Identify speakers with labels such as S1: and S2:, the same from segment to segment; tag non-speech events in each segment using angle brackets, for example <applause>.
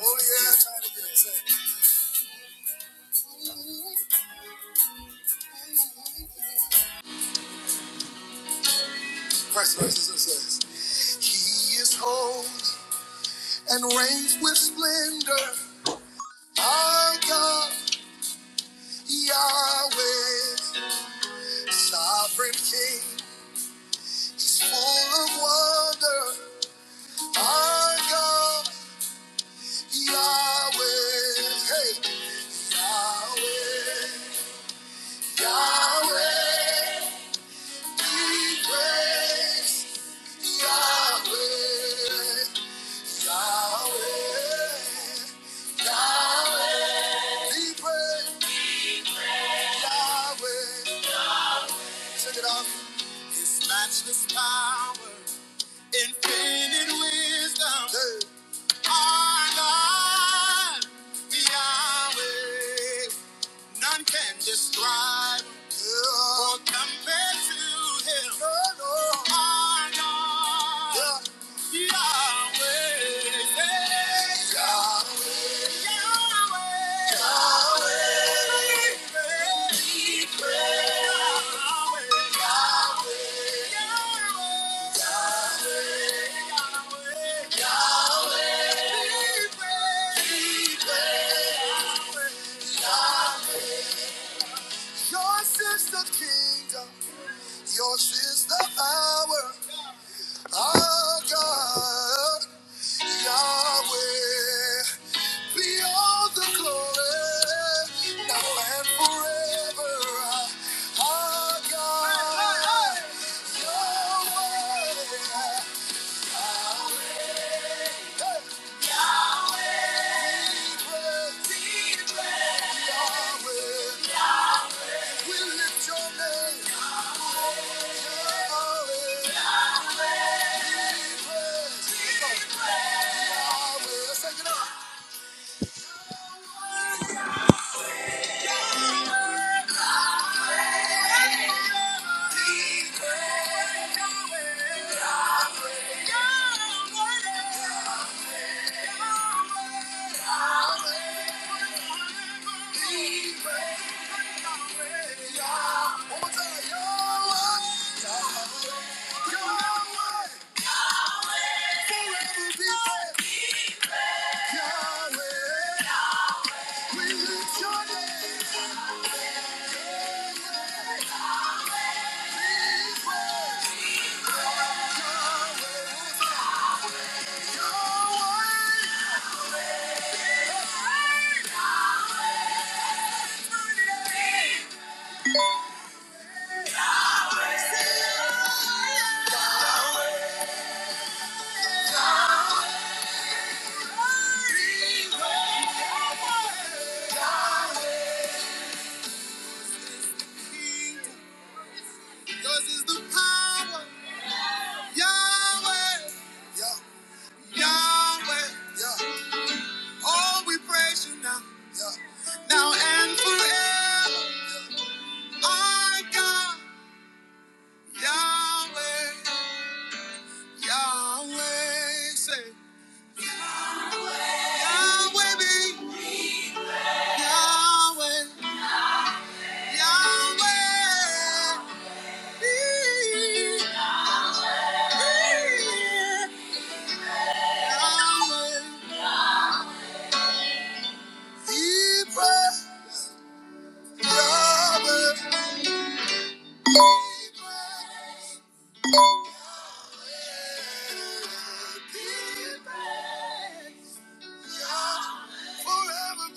S1: Oh yeah, try to get it. Say, Christ versus says, He is holy and reigns with splendor. Our God, Yahweh, sovereign King, He's full of wonder. Our God, Yahweh, hey, Yahweh, Yahweh. His Matchless power, infinite wisdom, our God, Yahweh. None can describe no. or compare to him. No, no. Our God, yeah. Yahweh. Yahweh. Yahweh. Yahweh, We praise. Yahweh. Yahweh. Yahweh. Yahweh. Yahweh, We praise. Yahweh, praise. Yours is the kingdom, yours is the power. Our God, Yahweh, be all the glory, now and forever. Our God, Yahweh, Yahweh, we lift your name. Yahweh, we praise. Yours is the power, Yahweh. Yeah. Yahweh. Oh, we praise you now. Yeah. Now and forever. Our God, Yahweh, Yahweh. Say, Yahweh be, Yahweh, Yahweh. Be, be, Yahweh. be praised. Yahweh. be praised. With the way I talk, be praised. Yahweh. Yahweh.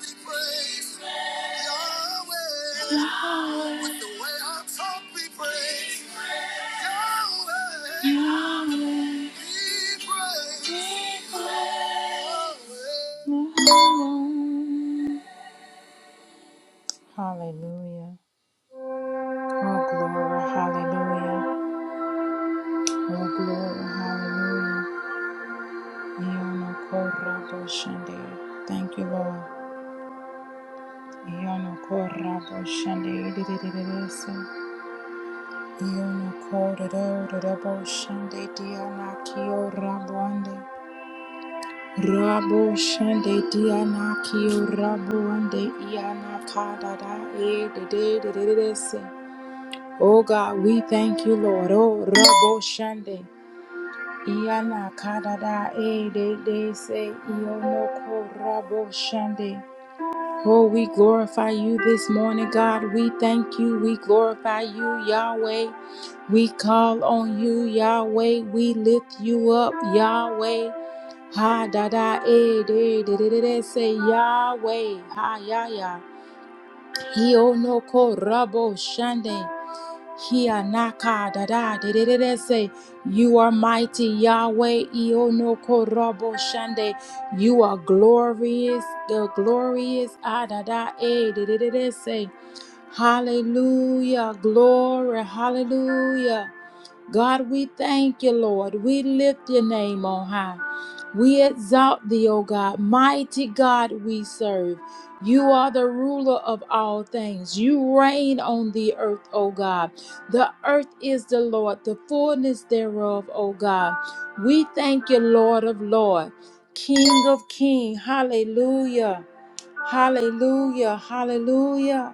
S1: Be praised. Yahweh. Yahweh. Hallelujah. Oh, glory. Hallelujah. Oh, glory. Hallelujah. Iono corra boshande. Thank you, Lord. Iono corra boshande. Ididididirisa. Iono corra da boshande. Diana kio rabuande. Rabo shande diana kio rabuande. Iana kada da e de de de de de de se. Oh God, we thank you, Lord. Oh, Rabo Shande. Iana karada e de de se iono korabo shande. Oh, we glorify you this morning, God. We thank you. We glorify you, Yahweh. We call on you, Yahweh. We lift you up, Yahweh. Ha da da e de de de de de se Yahweh. Ha ya ya. Iono korabo shande. Hia naka da da de de de de say, You are mighty, Yahweh, Ionoko Robo Shande. You are glorious, the glorious Adada E de de de de say. Hallelujah, glory, hallelujah. God, we thank you, Lord. We lift your name on high. We exalt thee, O God. Mighty God, we serve. You are the ruler of all things. You reign on the earth, O God. The earth is the Lord, the fullness thereof, O God. We thank you, Lord of Lord, King of King. Hallelujah. Hallelujah. Hallelujah.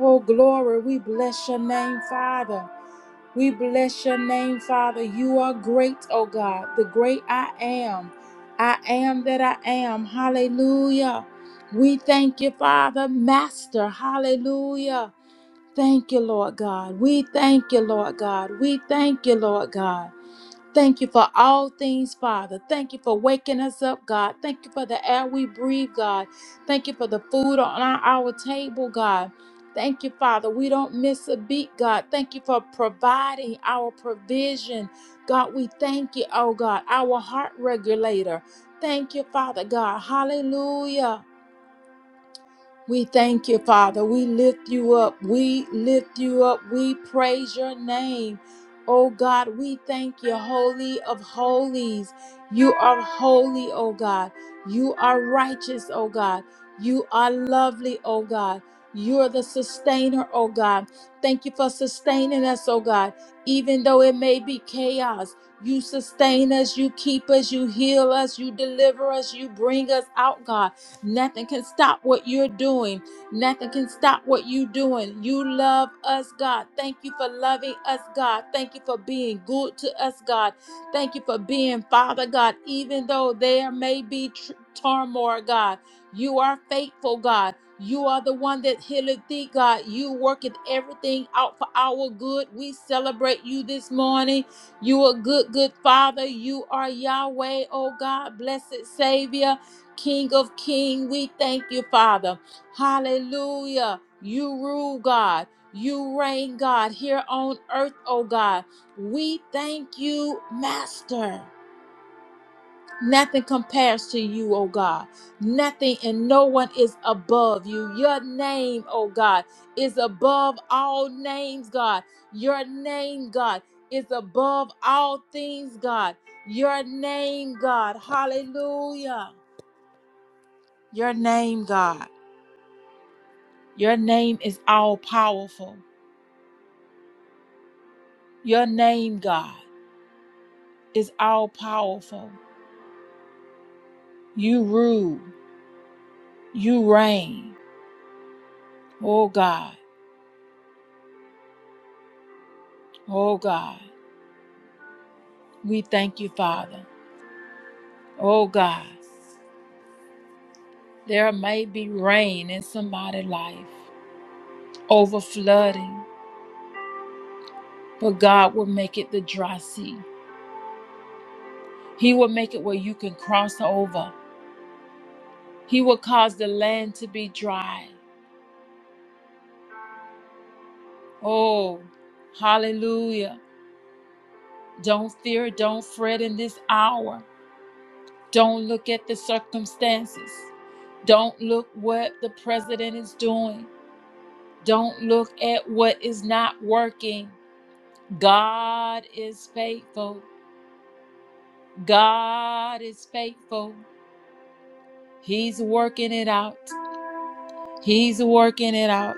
S1: Oh, glory. We bless your name, Father. We bless your name, Father. You are great, oh God, the great I am. I am that I am. Hallelujah. We thank you, Father, Master. Hallelujah. Thank you, Lord God. We thank you, Lord God. We thank you, Lord God. Thank you for all things, Father. Thank you for waking us up, God. Thank you for the air we breathe, God. Thank you for the food on our, our table, God. Thank you, Father. We don't miss a beat, God. Thank you for providing our provision. God, we thank you, oh God, our heart regulator. Thank you, Father God. Hallelujah. We thank you, Father. We lift you up. We lift you up. We praise your name. Oh God, we thank you, Holy of Holies. You are holy, oh God. You are righteous, oh God. You are lovely, oh God. You're the sustainer, oh God. Thank you for sustaining us, oh God. Even though it may be chaos, you sustain us, you keep us, you heal us, you deliver us, you bring us out, God. Nothing can stop what you're doing. Nothing can stop what you're doing. You love us, God. Thank you for loving us, God. Thank you for being good to us, God. Thank you for being Father, God. Even though there may be tr- turmoil, God, you are faithful, God. You are the one that healeth thee, God. You worketh everything out for our good. We celebrate you this morning. You are good, good Father. You are Yahweh, oh God, blessed Savior. King of King, we thank you, Father. Hallelujah. You rule, God. You reign, God, here on earth, oh God. We thank you, Master. Nothing compares to you, oh God. Nothing and no one is above you. Your name, oh God, is above all names, God. Your name, God, is above all things, God. Your name, God. Hallelujah. Your name, God. Your name is all powerful. Your name, God, is all powerful. You rule. You reign. Oh God, oh God, we thank you, Father. Oh God, there may be rain in somebody's life, over flooding, but God will make it the dry sea. He will make it where you can cross over. He will cause the land to be dry. Oh, hallelujah. Don't fear, don't fret in this hour. Don't look at the circumstances. Don't look what the president is doing. Don't look at what is not working. God is faithful. God is faithful. He's working it out. He's working it out.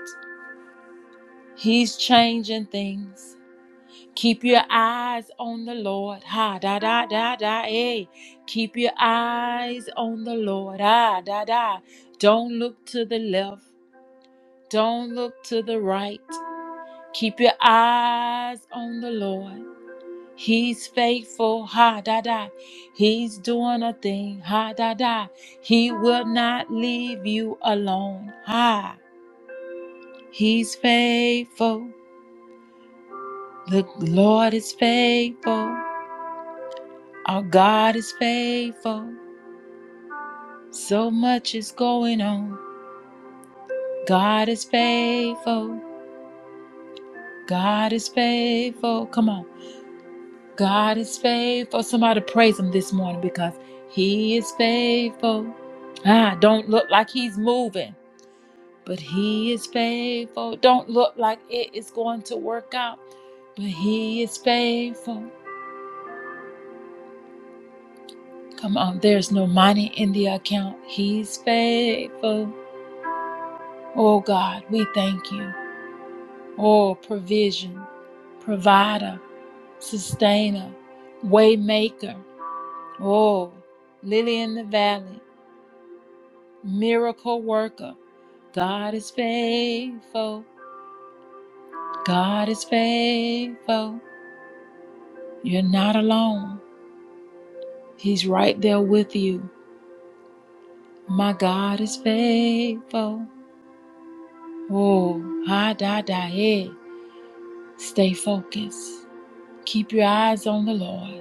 S1: He's changing things. Keep your eyes on the Lord. Ha da da da da eh. Keep your eyes on the Lord. Ah da da. Don't look to the left. Don't look to the right. Keep your eyes on the Lord. He's faithful. Ha da da. He's doing a thing. Ha da da. He will not leave you alone. Ha. He's faithful. The Lord is faithful. Our God is faithful. So much is going on. God is faithful. God is faithful. Come on. God is faithful. Somebody praise him this morning because he is faithful. Ah, don't look like he's moving, but he is faithful. Don't look like it is going to work out, but he is faithful. Come on, there's no money in the account. He's faithful. Oh God, we thank you. Oh, provision, provider, sustainer, waymaker. Oh, lily in the valley, miracle worker. God is faithful. God is faithful. You're not alone. He's right there with you. My God is faithful. Oh, ha da da eh. Stay focused. Keep your eyes on the Lord.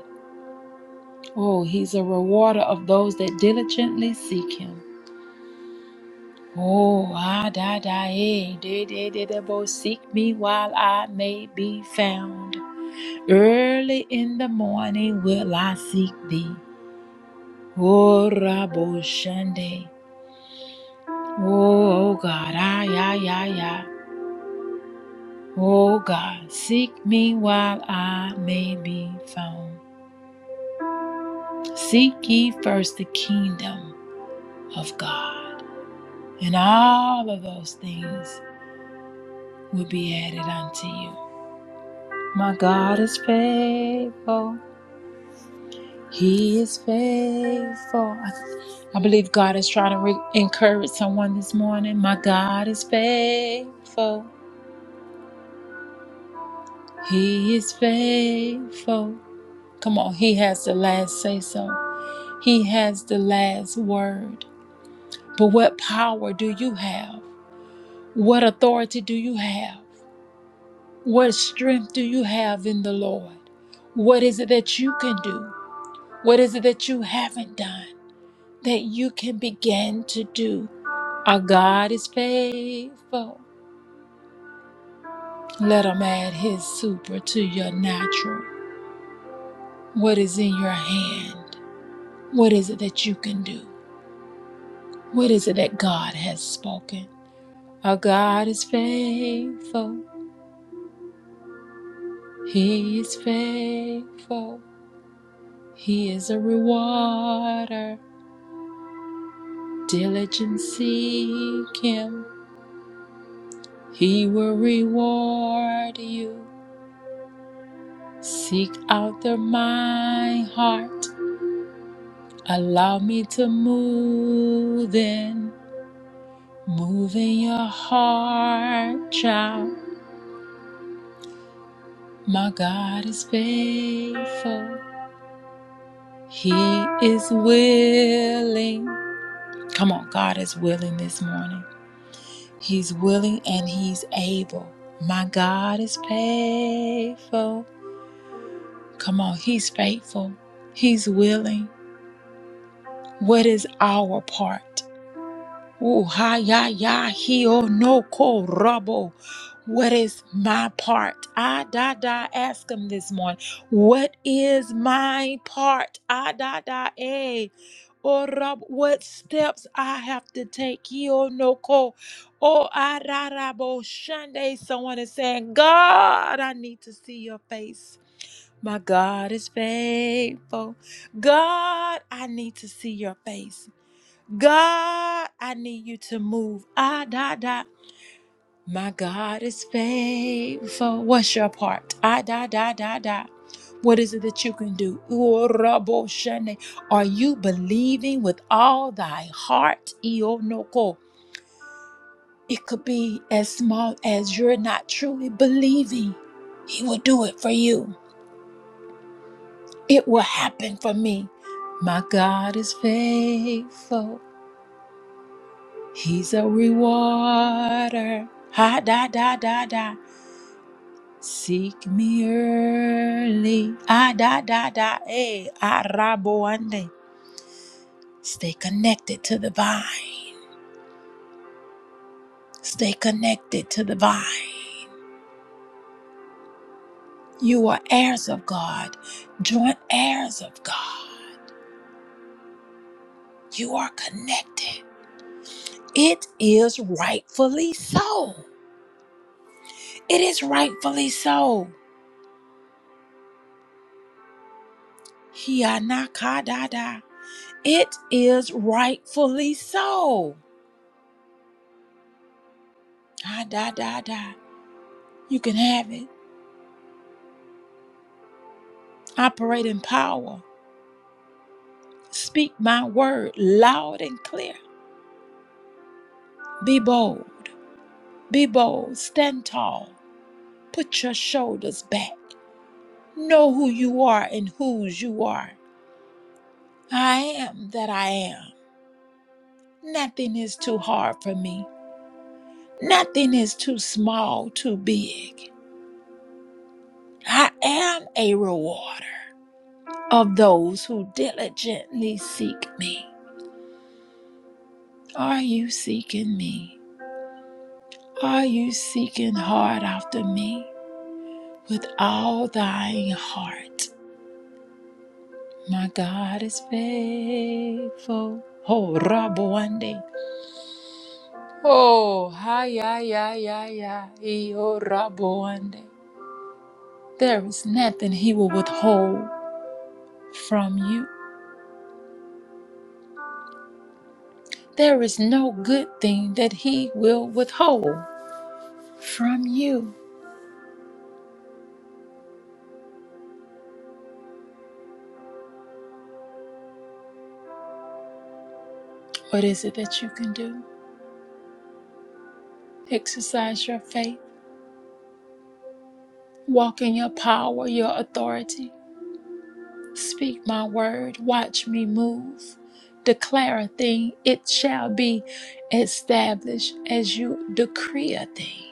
S1: Oh, he's a rewarder of those that diligently seek him. Oh, ah, da, da, eh, de, de, de, de, bo, seek me while I may be found. Early in the morning will I seek thee. Oh, rabo, shande. Oh, oh, God, ah, ya, ya, ya. Oh, God, seek me while I may be found. Seek ye first the kingdom of God and all of those things will be added unto you. My God is faithful. He is faithful. I, I believe God is trying to re- encourage someone this morning. My God is faithful. He is faithful. Come on, He has the last say so. He has the last word. But what power do you have? What authority do you have? What strength do you have in the Lord? What is it that you can do? What is it that you haven't done that you can begin to do? Our God is faithful. Let him add his super to your natural. What is in your hand? What is it that you can do? What is it that God has spoken? Our God is faithful. He is faithful. He is a rewarder. Diligent seek him. He will reward you. Seek out the my heart. Allow me to move in. Move in your heart, child. My God is faithful. He is willing. Come on, God is willing this morning. He's willing and he's able. My God is faithful. Come on, he's faithful. He's willing. What is our part? Ooh, ha ya ya hio no ko rabo. What is my part? Ah da da ask him this morning. What is my part? Ah da da eh. Oh rab what steps I have to take. Hio no ko. Oh ah da da bo shande. Someone is saying, God, I need to see your face. My God is faithful. God, I need to see your face. God, I need you to move. Ah, da, da. My God is faithful. What's your part? Ah, da, da, da, da. What is it that you can do? Ooh, rabo shene. Are you believing with all thy heart? Io no It could be as small as you're not truly believing. He will do it for you. It will happen for me. My God is faithful. He's a rewarder. Ha da da da da. Seek me early. Ah da da da. Hey, araboande. Stay connected to the vine. Stay connected to the vine. You are heirs of God, joint heirs of God. You are connected. It is rightfully so. It is rightfully so. Hianakadada. It is rightfully so. I die, die, die. You can have it. Operate in power. Speak my word loud and clear. Be bold. Be bold. Stand tall. Put your shoulders back. Know who you are and whose you are. I am that I am. Nothing is too hard for me. Nothing is too small, too big. I am a rewarder of those who diligently seek me. Are you seeking me? Are you seeking hard after me with all thine heart? My God is faithful. Oh, Rabuande. Oh, hi, ya, ya, ya, ya. E, Oh, Rabuande. There is nothing he will withhold from you. There is no good thing that he will withhold from you. What is it that you can do? Exercise your faith, walk in your power, your authority. Speak my word, watch me move. Declare a thing, it shall be established as you decree a thing.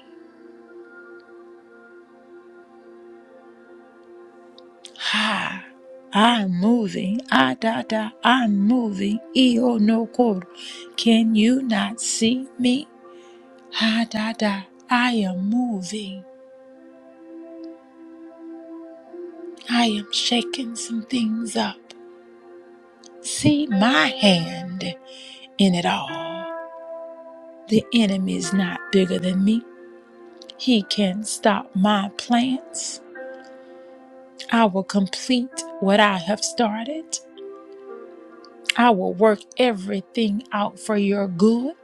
S1: Ha! I'm moving. Ah, da, da, I'm moving. Io no cor. Can you not see me? Ha, da, da, I am moving. I am shaking some things up. See my hand in it all. The enemy is not bigger than me. He can stop my plans. I will complete what I have started. I will work everything out for your good.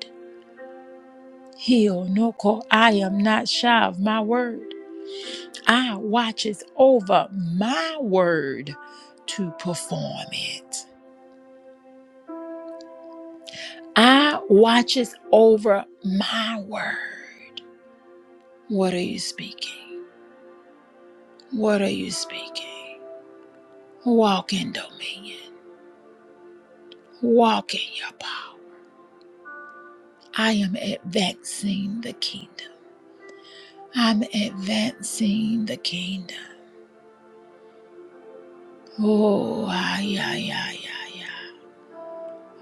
S1: Heal Noko, I am not shy of my word. I watches over my word to perform it. I watches over my word. What are you speaking? What are you speaking? Walk in dominion. Walk in your power. I am advancing the kingdom. I'm advancing the kingdom. Oh, ay, ay, ay, ay, ay.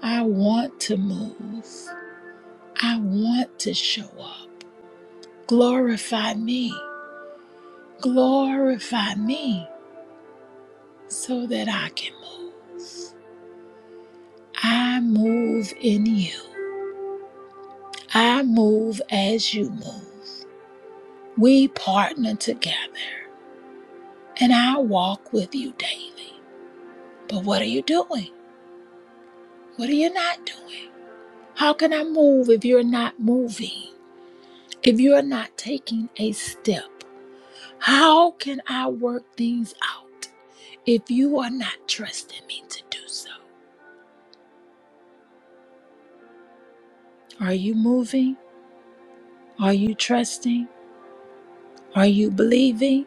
S1: I want to move. I want to show up. Glorify me. Glorify me so that I can move. I move in you. I move as you move. We partner together and I walk with you daily. But what are you doing? What are you not doing? How can I move if you're not moving? If you're not taking a step? How can I work things out if you are not trusting me to do so? Are you moving? Are you trusting? Are you believing?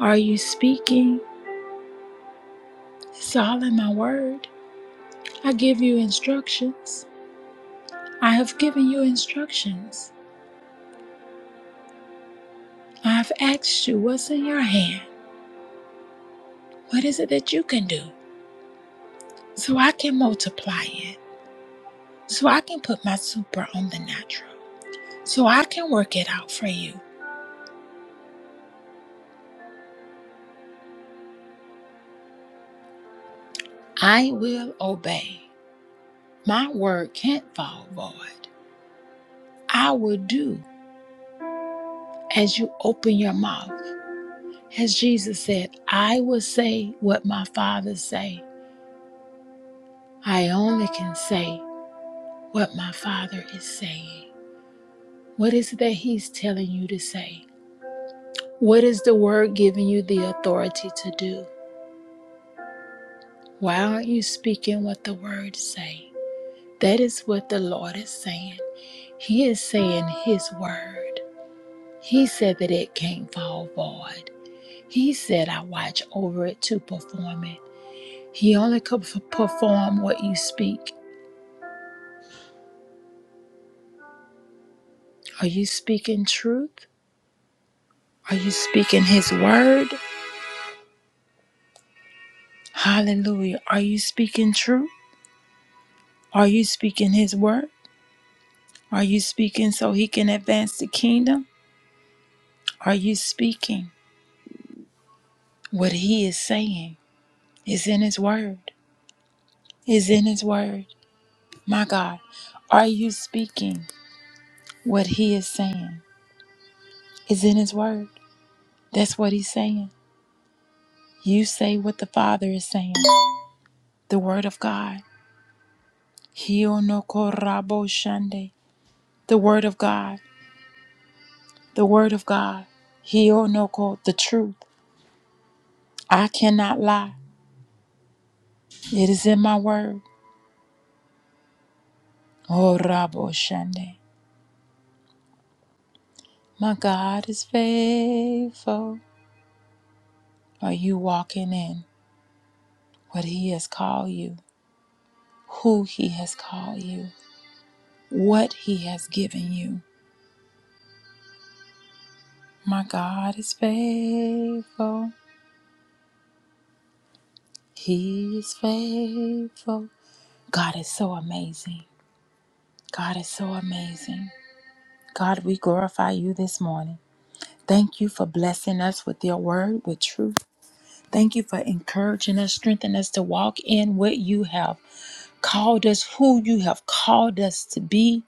S1: Are you speaking? It's all in my word. I give you instructions. I have given you instructions. I have asked you what's in your hand. What is it that you can do so I can multiply it? so I can put my super on the natural, so I can work it out for you. I will obey. My word can't fall void. I will do as you open your mouth. As Jesus said, I will say what my Father say. I only can say what my Father is saying. What is it that He's telling you to say? What is the word giving you the authority to do? Why aren't you speaking what the word say? That is what the Lord is saying. He is saying His word. He said that it can't fall void. He said, I watch over it to perform it. He only could f- perform what you speak. Are you speaking truth? Are you speaking His word? Hallelujah. Are you speaking truth? Are you speaking His word? Are you speaking so He can advance the kingdom? Are you speaking what He is saying? Is in His word. is in His Word. My God, are you speaking what He is saying? Is in His Word. That's what He's saying. You say what the Father is saying. The Word of God. Hionoko rabo shande. The Word of God. The Word of God. Hionoko, the truth. I cannot lie. It is in my Word. Oh, rabo shande. My God is faithful. Are you walking in what He has called you? who He has called you, what He has given you. My God is faithful. He is faithful. God is so amazing. God is so amazing. God, we glorify you this morning. Thank you for blessing us with your word, with truth. Thank you for encouraging us, strengthening us to walk in what you have called us, who you have called us to be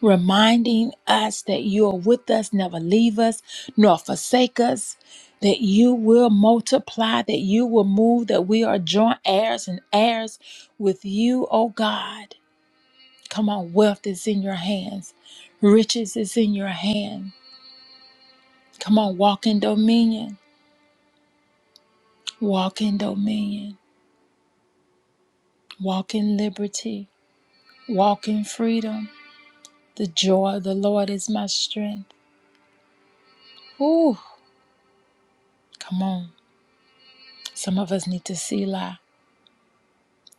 S1: reminding us that you are with us, never leave us, nor forsake us, that you will multiply, that you will move, that we are joint heirs and heirs with you, oh God. Come on, wealth is in your hands, riches is in your hand. Come on, walk in dominion, walk in dominion, walk in liberty, walk in freedom. The joy of the Lord is my strength. Ooh, come on. Some of us need to see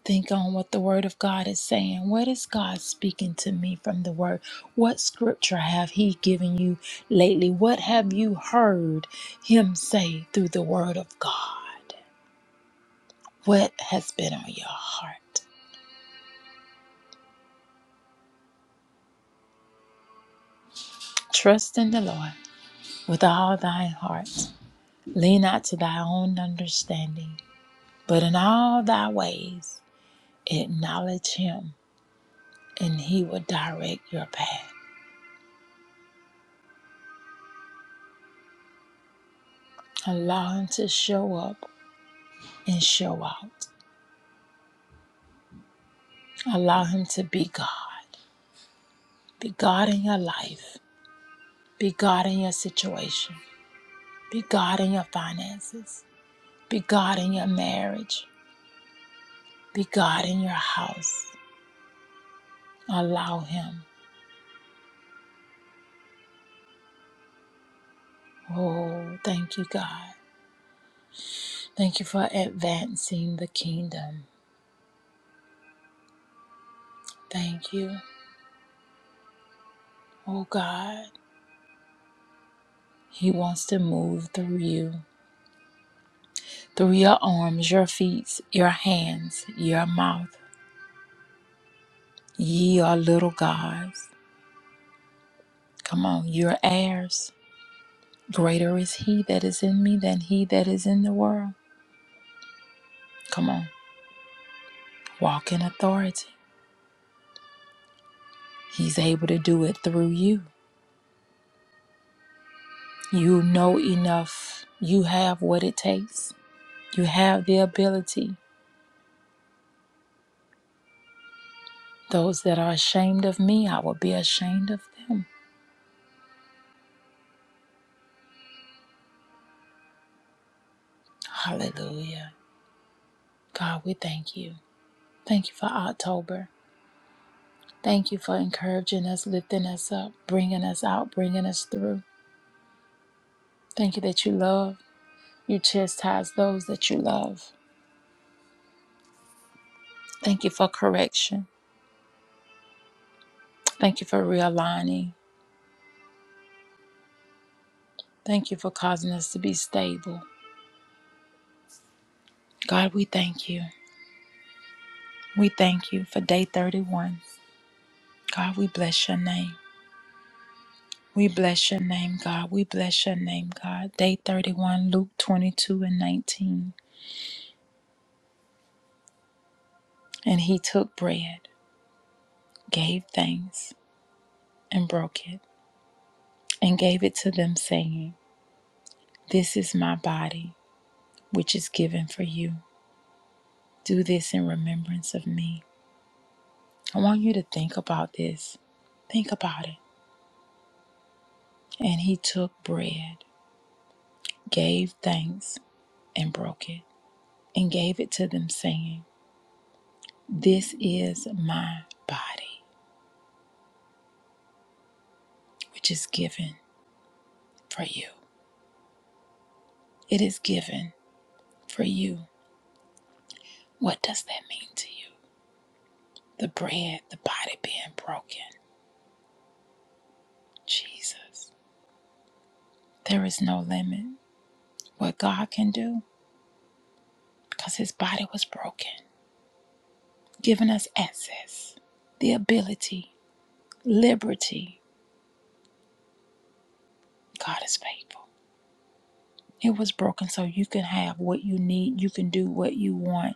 S1: Think on what the Word of God is saying. What is God speaking to me from the Word? What scripture have He given you lately? What have you heard Him say through the Word of God? What has been on your heart? Trust in the Lord with all thine heart. Lean not to thy own understanding, but in all thy ways acknowledge Him, and He will direct your path. Allow Him to show up and show out. Allow Him to be God. Be God in your life. Be God in your situation. Be God in your finances. Be God in your marriage. Be God in your house. Allow Him. Oh, thank you, God. Thank you for advancing the kingdom. Thank you, oh God. He wants to move through you, through your arms, your feet, your hands, your mouth. Ye are little gods. Come on, you're heirs. Greater is he that is in me than he that is in the world. Come on, walk in authority. He's able to do it through you. You know enough. You have what it takes. You have the ability. Those that are ashamed of me, I will be ashamed of them. Hallelujah. God, we thank you. Thank you for October. Thank you for encouraging us, lifting us up, bringing us out, bringing us through. Thank you that you love. You chastise those that you love. Thank you for correction. Thank you for realigning. Thank you for causing us to be stable. God, we thank you. We thank you for day 31. God, we bless your name. We bless your name, God. We bless your name, God. Day 31, Luke 22 and 19. And he took bread, gave thanks, and broke it, and gave it to them, saying, This is my body, which is given for you. Do this in remembrance of me. I want you to think about this. Think about it. And he took bread, gave thanks, and broke it, and gave it to them, saying, This is my body, which is given for you. It is given for you. What does that mean to you? The bread, the body being broken. Jesus. There is no limit what God can do because his body was broken, giving us access, the ability, liberty God is faithful. It was broken so you can have what you need. You can do what you want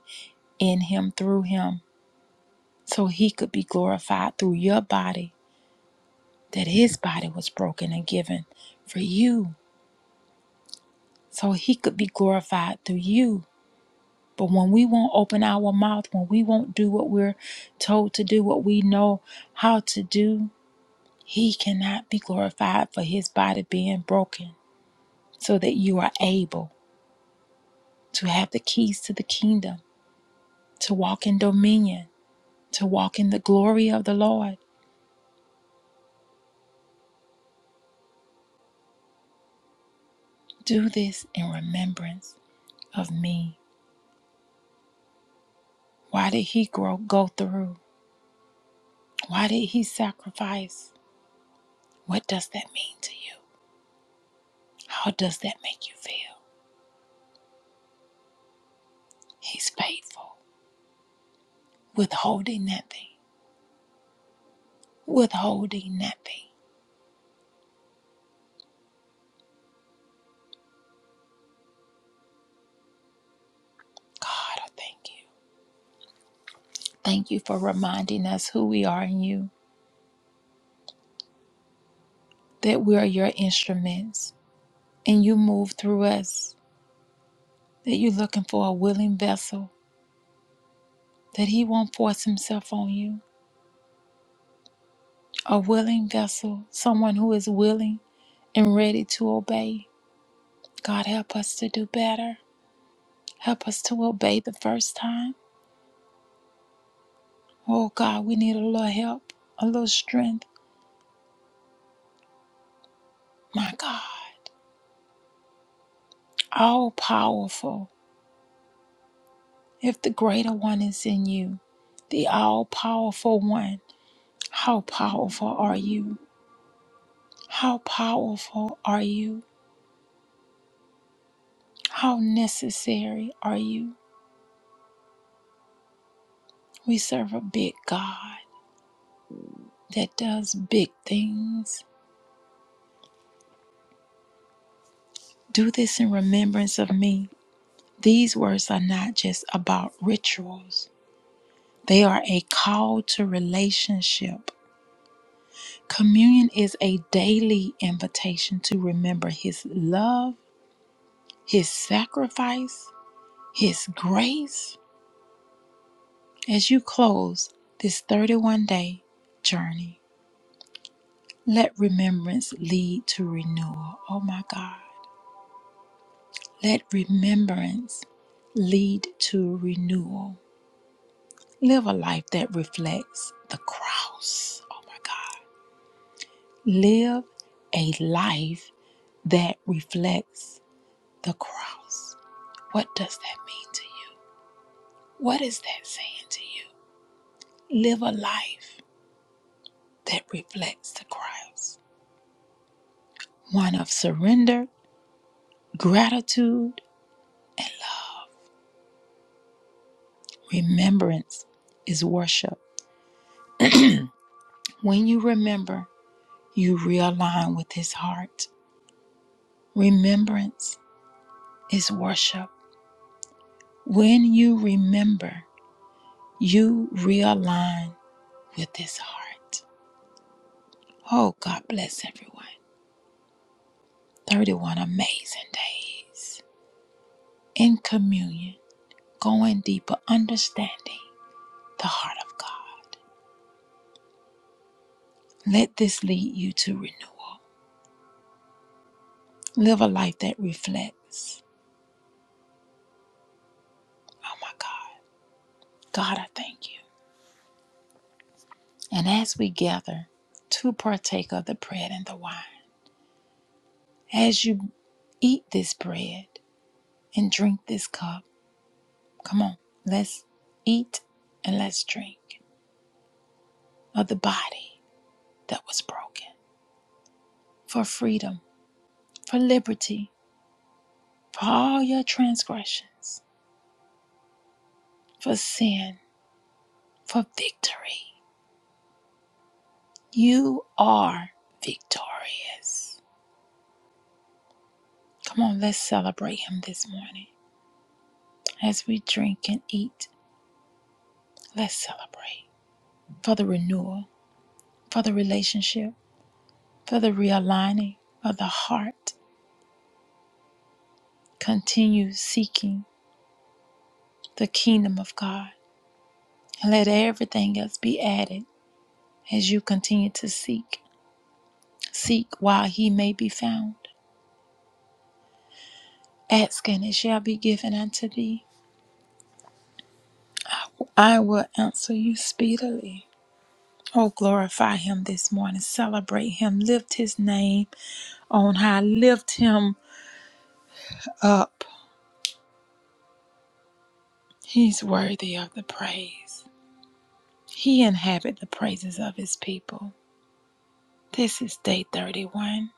S1: in Him, through Him, so He could be glorified through your body. That His body was broken and given for you, so He could be glorified through you. But when we won't open our mouth, when we won't do what we're told to do, what we know how to do, He cannot be glorified for His body being broken, so that you are able to have the keys to the kingdom to walk in dominion, to walk in the glory of the Lord. Do this in remembrance of me. Why did he grow, go through? Why did he sacrifice? What does that mean to you? How does that make you feel? He's faithful, withholding nothing, withholding nothing. God, I thank you. Thank you for reminding us who we are in you, that we are your instruments, and you move through us, that you're looking for a willing vessel that He won't force Himself on you. A willing vessel, someone who is willing and ready to obey. God, help us to do better. Help us to obey the first time. Oh, God, we need a little help, a little strength. My God, all powerful. If the greater one is in you, the all powerful one, how powerful are you? How powerful are you? How necessary are you? We serve a big God. that does big things. Do this in remembrance of me. These words are not just about rituals, they are a call to relationship. Communion is a daily invitation to remember His love, His sacrifice, His grace. As you close this 31 day journey, let remembrance lead to renewal. Oh my God. Let remembrance lead to renewal. Live a life that reflects the cross. Oh my God. Live a life that reflects the cross. What does that mean to you? What is that saying to you? Live a life that reflects the cross. One of surrender, gratitude, and love. Remembrance is worship. When you remember, you realign with His heart. Remembrance is worship. When you remember, You realign with His heart. Oh, God bless everyone. 31 amazing days in communion, going deeper, understanding the heart of God. Let this lead you to renewal. Live a life that reflects. Oh, my God. God, I thank you. And as we gather to partake of the bread and the wine, as you eat this bread and drink this cup, come on, let's eat and let's drink. of the body that was broken for freedom, for liberty, for all your transgressions, for sin, for victory. You are victorious. Come on, let's celebrate Him this morning. As we drink and eat, let's celebrate for the renewal, for the relationship, for the realigning of the heart. Continue seeking the kingdom of God and let everything else be added as you continue to seek Seek while he may be found. Ask and it shall be given unto thee. I will answer you speedily. Oh, glorify him this morning. Celebrate him. Lift his name on high. Lift him up. He's worthy of the praise. He inhabit the praises of his people. This is day 31.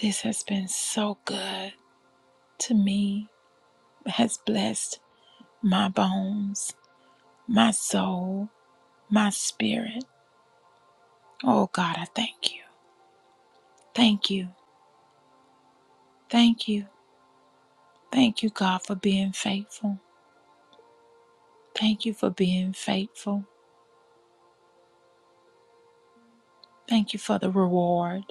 S1: This has been so good to me. It has blessed my bones, my soul, my spirit. Oh God, I thank you. Thank you. Thank you. Thank you, God, for being faithful. Thank you for being faithful. Thank you for the reward.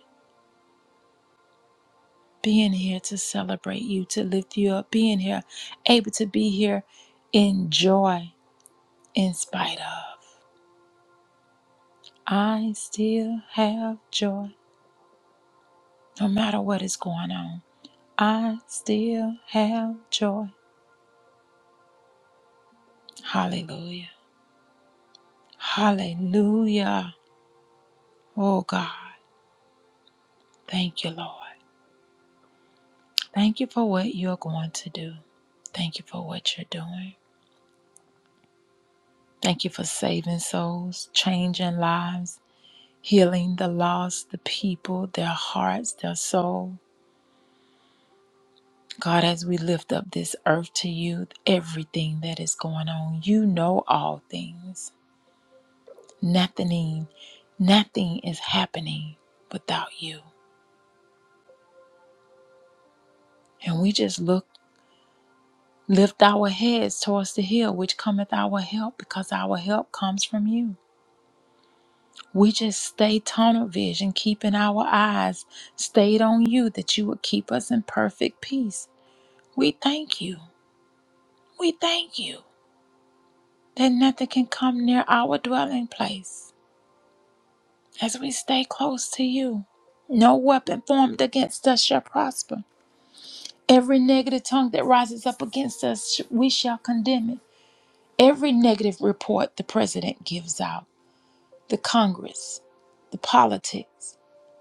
S1: Being here to celebrate you, to lift you up, being here, able to be here in joy in spite of. I still have joy no matter what is going on. I still have joy. Hallelujah. Hallelujah. Oh God, thank you, Lord. Thank you for what you're going to do. Thank you for what you're doing. Thank you for saving souls, changing lives, healing the lost, the people, their hearts, their soul. God, as we lift up this earth to you, everything that is going on, you know all things. Nothing, nothing is happening without you. And we just look, lift our heads towards the hill, which cometh our help, because our help comes from you. We just stay tunnel vision, keeping our eyes stayed on you that you would keep us in perfect peace. We thank you. We thank you that nothing can come near our dwelling place as we stay close to you. No weapon formed against us shall prosper. Every negative tongue that rises up against us, sh- we shall condemn it. Every negative report the president gives out, the Congress, the politics,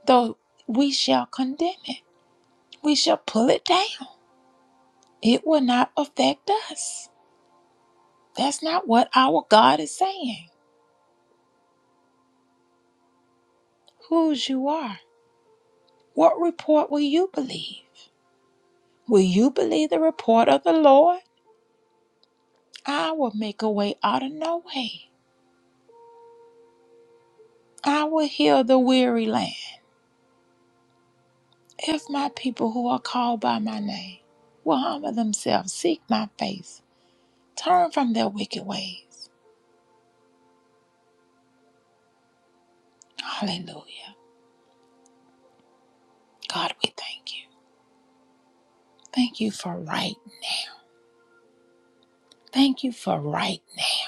S1: though we shall condemn it. we shall pull it down. It will not affect us. That's not what our God is saying. Whose you are. What report will you believe? Will you believe the report of the Lord? I will make a way out of no way. I will heal the weary land. If my people who are called by my name will humble themselves, seek my face, turn from their wicked ways. Hallelujah. God, we thank you. Thank you for right. Thank you for right now.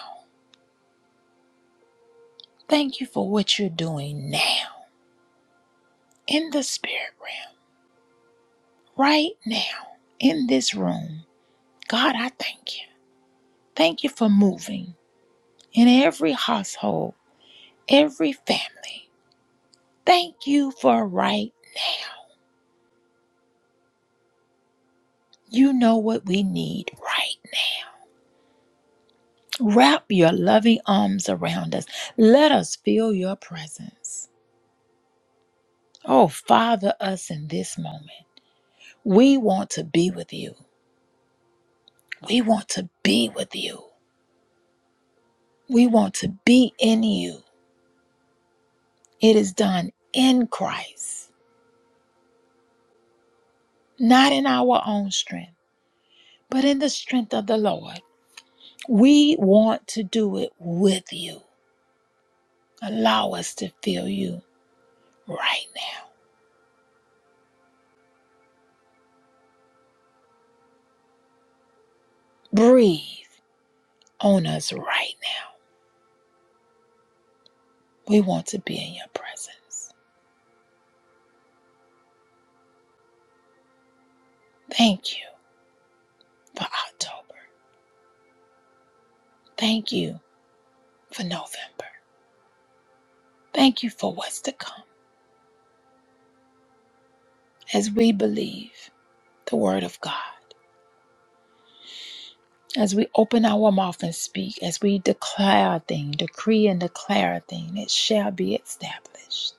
S1: Thank you for what you're doing now in the spirit realm, right now in this room. God, I thank you. Thank you for moving in every household, every family. Thank you for right now. You know what we need right now. Wrap your loving arms around us. Let us feel your presence. Oh, Father, us in this moment. We want to be with you. We want to be with you. We want to be in you. It is done in Christ, not in our own strength, but in the strength of the Lord. We want to do it with you. Allow us to feel you right now. Breathe on us right now. We want to be in your presence. Thank you for October. Thank you for November. Thank you for what's to come as we believe the word of God. As we open our mouth and speak, as we declare a thing, decree and declare a thing, it shall be established.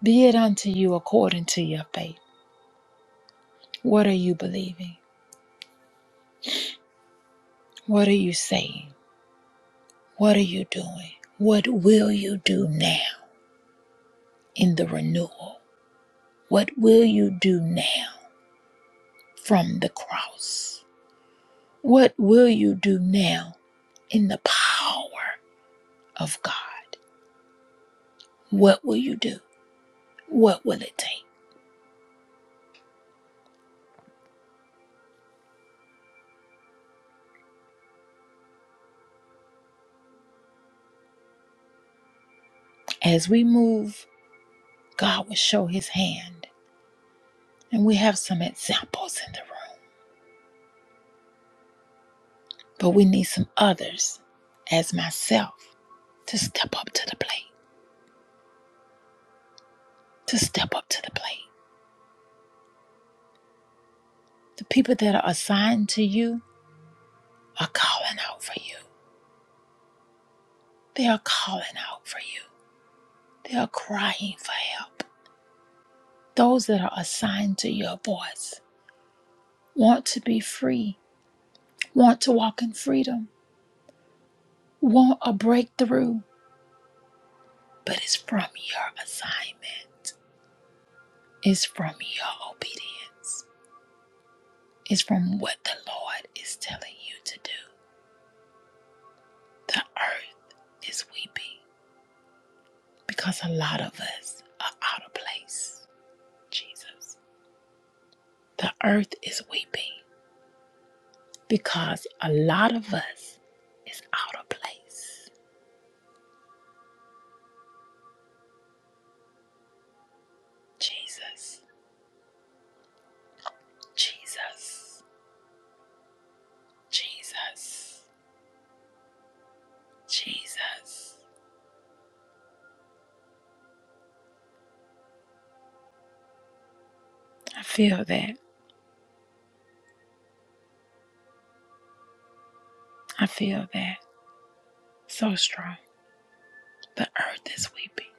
S1: Be it unto you according to your faith. What are you believing? What are you saying? What are you doing? What will you do now in the renewal? What will you do now from the cross? What will you do now in the power of God? What will you do? What will it take? As we move God will show his hand. And we have some examples in the room, but we need some others, as myself, to step up to the plate. To step up to the plate. The people that are assigned to you are calling out for you. They are calling out for you. They are crying for help. Those that are assigned to your voice want to be free, want to walk in freedom, want a breakthrough, but it's from your assignment, it's from your obedience. is from what the Lord is telling you to do. The earth is weeping because a lot of us are out of place, Jesus. The earth is weeping because a lot of us is out of place, Jesus. Jesus. Jesus. Jesus. I feel that. I feel that so strong. The earth is weeping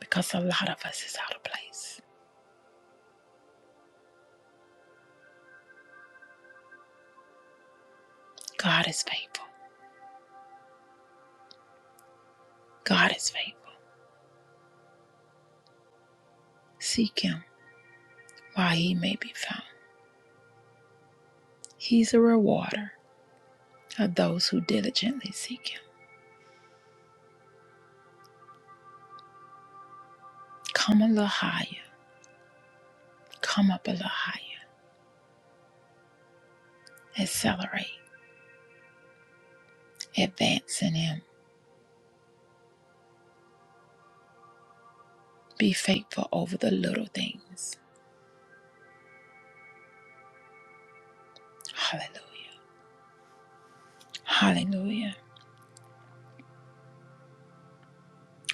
S1: because a lot of us is out of place. God is faithful. God is faithful. Seek him while he may be found. He's a rewarder of those who diligently seek him. Come a little higher. Come up a little higher. Accelerate. Advance in him. Be faithful over the little things. Hallelujah. Hallelujah.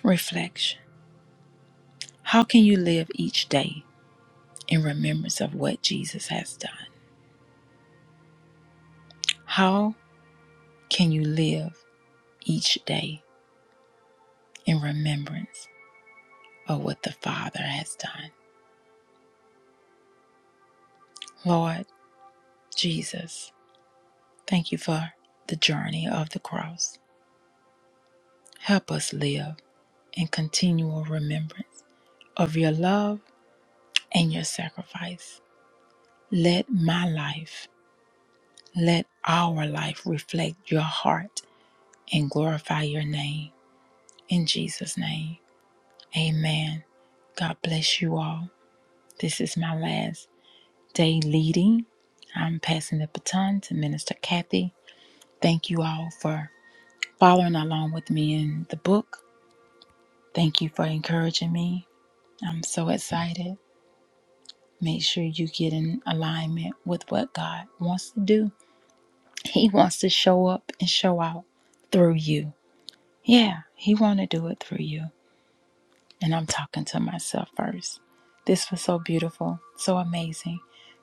S1: Reflection. How can you live each day in remembrance of what Jesus has done? How can you live each day in remembrance of what the Father has done? Lord Jesus. Thank you for the journey of the cross. Help us live in continual remembrance of your love and your sacrifice. Let my life, let our life reflect your heart and glorify your name. In Jesus' name, amen. God bless you all. This is my last day leading. I'm passing the baton to Minister Kathy. Thank you all for following along with me in the book. Thank you for encouraging me I'm so excited. Make sure you get in alignment with what God wants to do. He wants to show up and show out through you. Yeah, he wants to do it through you. And I'm talking to myself first. This was so beautiful, so amazing.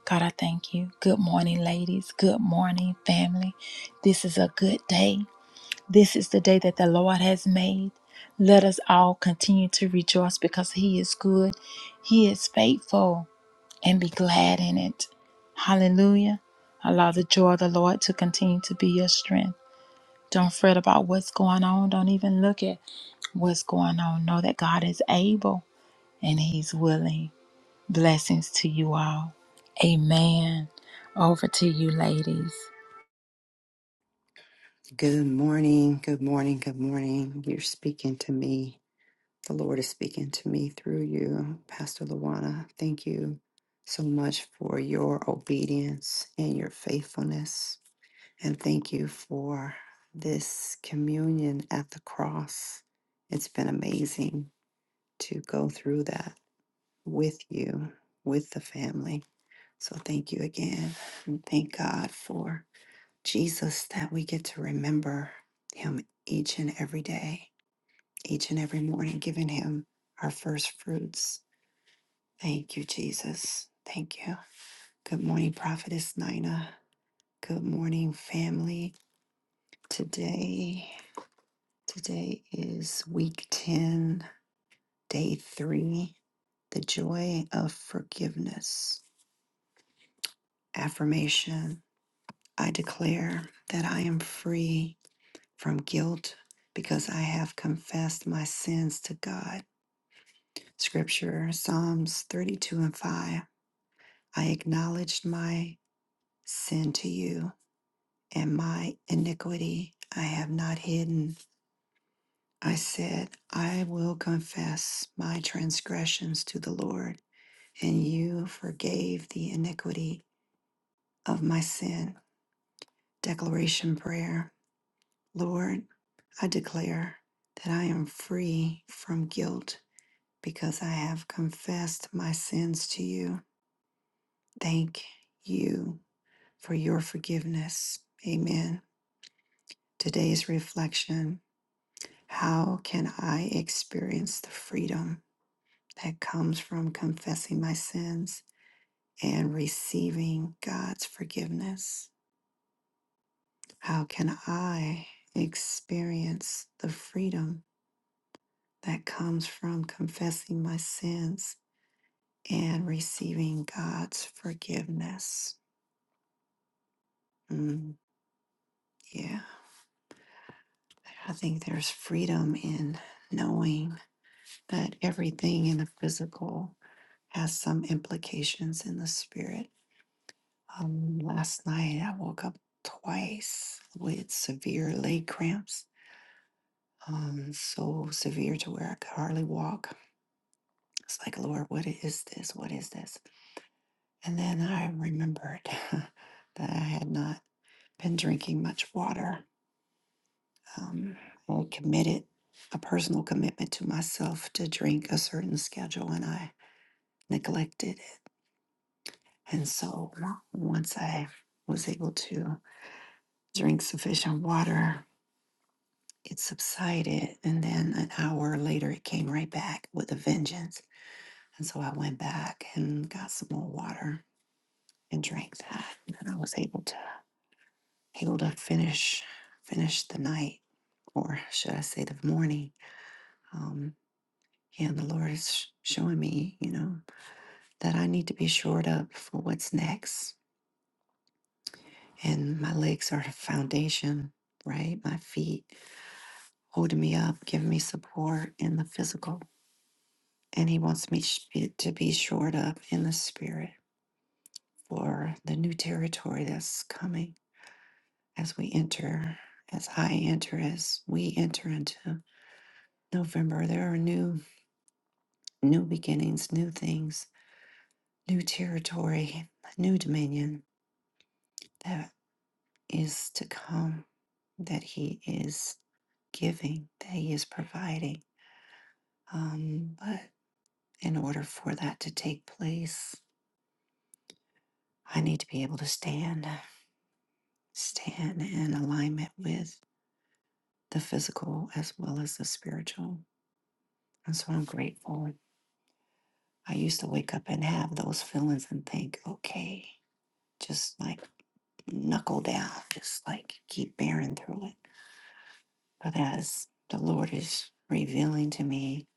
S1: God, I thank you. Good morning, ladies. Good morning, family. This is a good day. This is the day that the Lord has made. Let us all continue to rejoice because He is good. He is faithful. and be glad in it. Hallelujah. Allow the joy of the Lord to continue to be your strength. Don't fret about what's going on. Don't even look at what's going on. Know that God is able and He's willing. Blessings to you all. Amen. Over to you, ladies.
S2: Good morning, good morning, good morning. You're speaking to me. The Lord is speaking to me through you, Pastor Luana. Thank you so much for your obedience and your faithfulness. And thank you for this communion at the cross. It's been amazing to go through that with you, with the family. So thank you again. And thank God for Jesus, that we get to remember him each and every day, each and every morning, giving him our first fruits. Thank you, Jesus. Thank you. Good morning, Prophetess Nina. Good morning, family. Today, today is week 10, day three. The joy of forgiveness. Affirmation. I declare that I am free from guilt because I have confessed my sins to God. Scripture, Psalms 32 and 5. I acknowledged my sin to you, and my iniquity I have not hidden. I said, I will confess my transgressions to the Lord, and you forgave the iniquity of my sin. Declaration prayer Lord, I declare that I am free from guilt because I have confessed my sins to you. Thank you for your forgiveness. Amen. Today's reflection How can I experience the freedom that comes from confessing my sins and receiving God's forgiveness? How can I experience the freedom that comes from confessing my sins and receiving God's forgiveness? Mm, yeah. I think there's freedom in knowing that everything in the physical has some implications in the spirit. Um, last night I woke up twice with severe leg cramps, um, so severe to where I could hardly walk. It's like, Lord, what is this? What is this? And then I remembered <laughs> that I had not been drinking much water Um, I committed a personal commitment to myself to drink a certain schedule and I neglected it. And so once I was able to drink sufficient water, it subsided. And then an hour later, it came right back with a vengeance. And so I went back and got some more water and drank that. And I was able to able to finish finish the night, or should I say the morning, um, And the Lord is showing me, you know, that I need to be shored up for what's next. And my legs are the foundation, right? My feet holding me up, giving me support in the physical. And He wants me sh- to be shored up in the spirit for the new territory that's coming as we enter, as I enter, as we enter into November. There are new, new beginnings, new things, new territory, new dominion. that. is to come, that He is giving, that He is providing. Um, but in order for that to take place, I need to be able to stand, stand in alignment with the physical as well as the spiritual. And so I'm grateful. I used to wake up and have those feelings and think, okay, just like knuckle down, just like keep bearing through it. But as the Lord is revealing to me,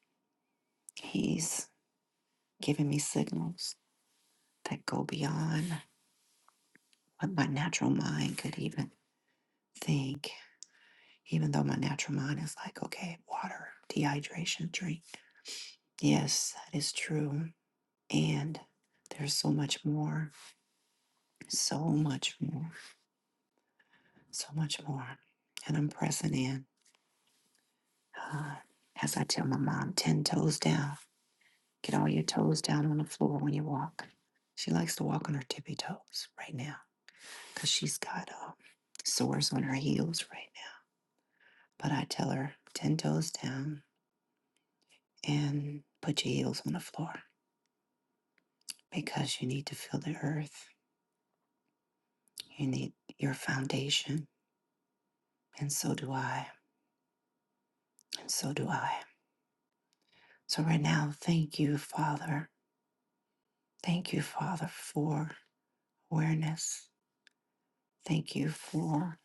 S2: He's giving me signals that go beyond what my natural mind could even think. Even though my natural mind is like, okay, water, dehydration, drink. Yes, that is true. And there's so much more, so much more, so much more. And I'm pressing in. Uh, as I tell my mom, 10 toes down. Get all your toes down on the floor when you walk. She likes to walk on her tippy toes right now because she's got um, sores on her heels right But I tell her, 10 toes down and put your heels on the floor because you need to feel the earth. You need your foundation. And so do I. And so do I. So, right now, thank you, Father. Thank you, Father, for awareness. Thank you for,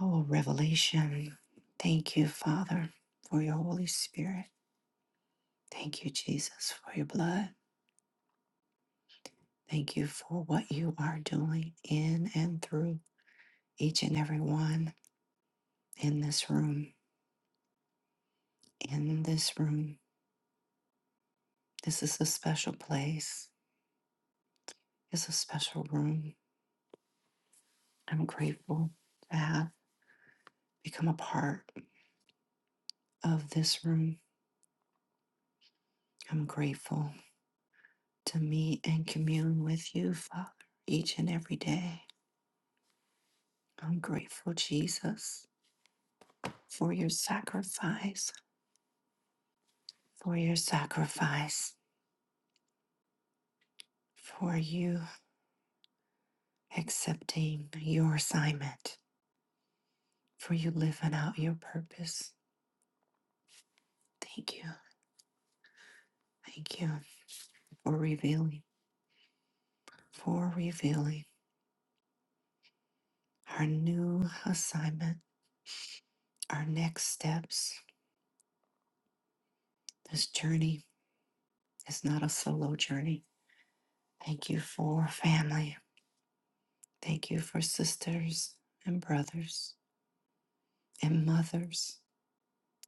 S2: oh, revelation. Thank you, Father, for your Holy Spirit. Thank you, Jesus, for your blood. Thank you for what you are doing in and through each and every one. in this room, in this room. This is a special place. It's a special room. I'm grateful to have become a part of this room. I'm grateful to meet and commune with you, Father, each and every day. I'm grateful, Jesus, for your sacrifice, for your sacrifice, for you accepting your assignment, for you living out your purpose. Thank you. Thank you for revealing. for revealing our new assignment, our next steps. This journey is not a solo journey. Thank you for family. Thank you for sisters and brothers and mothers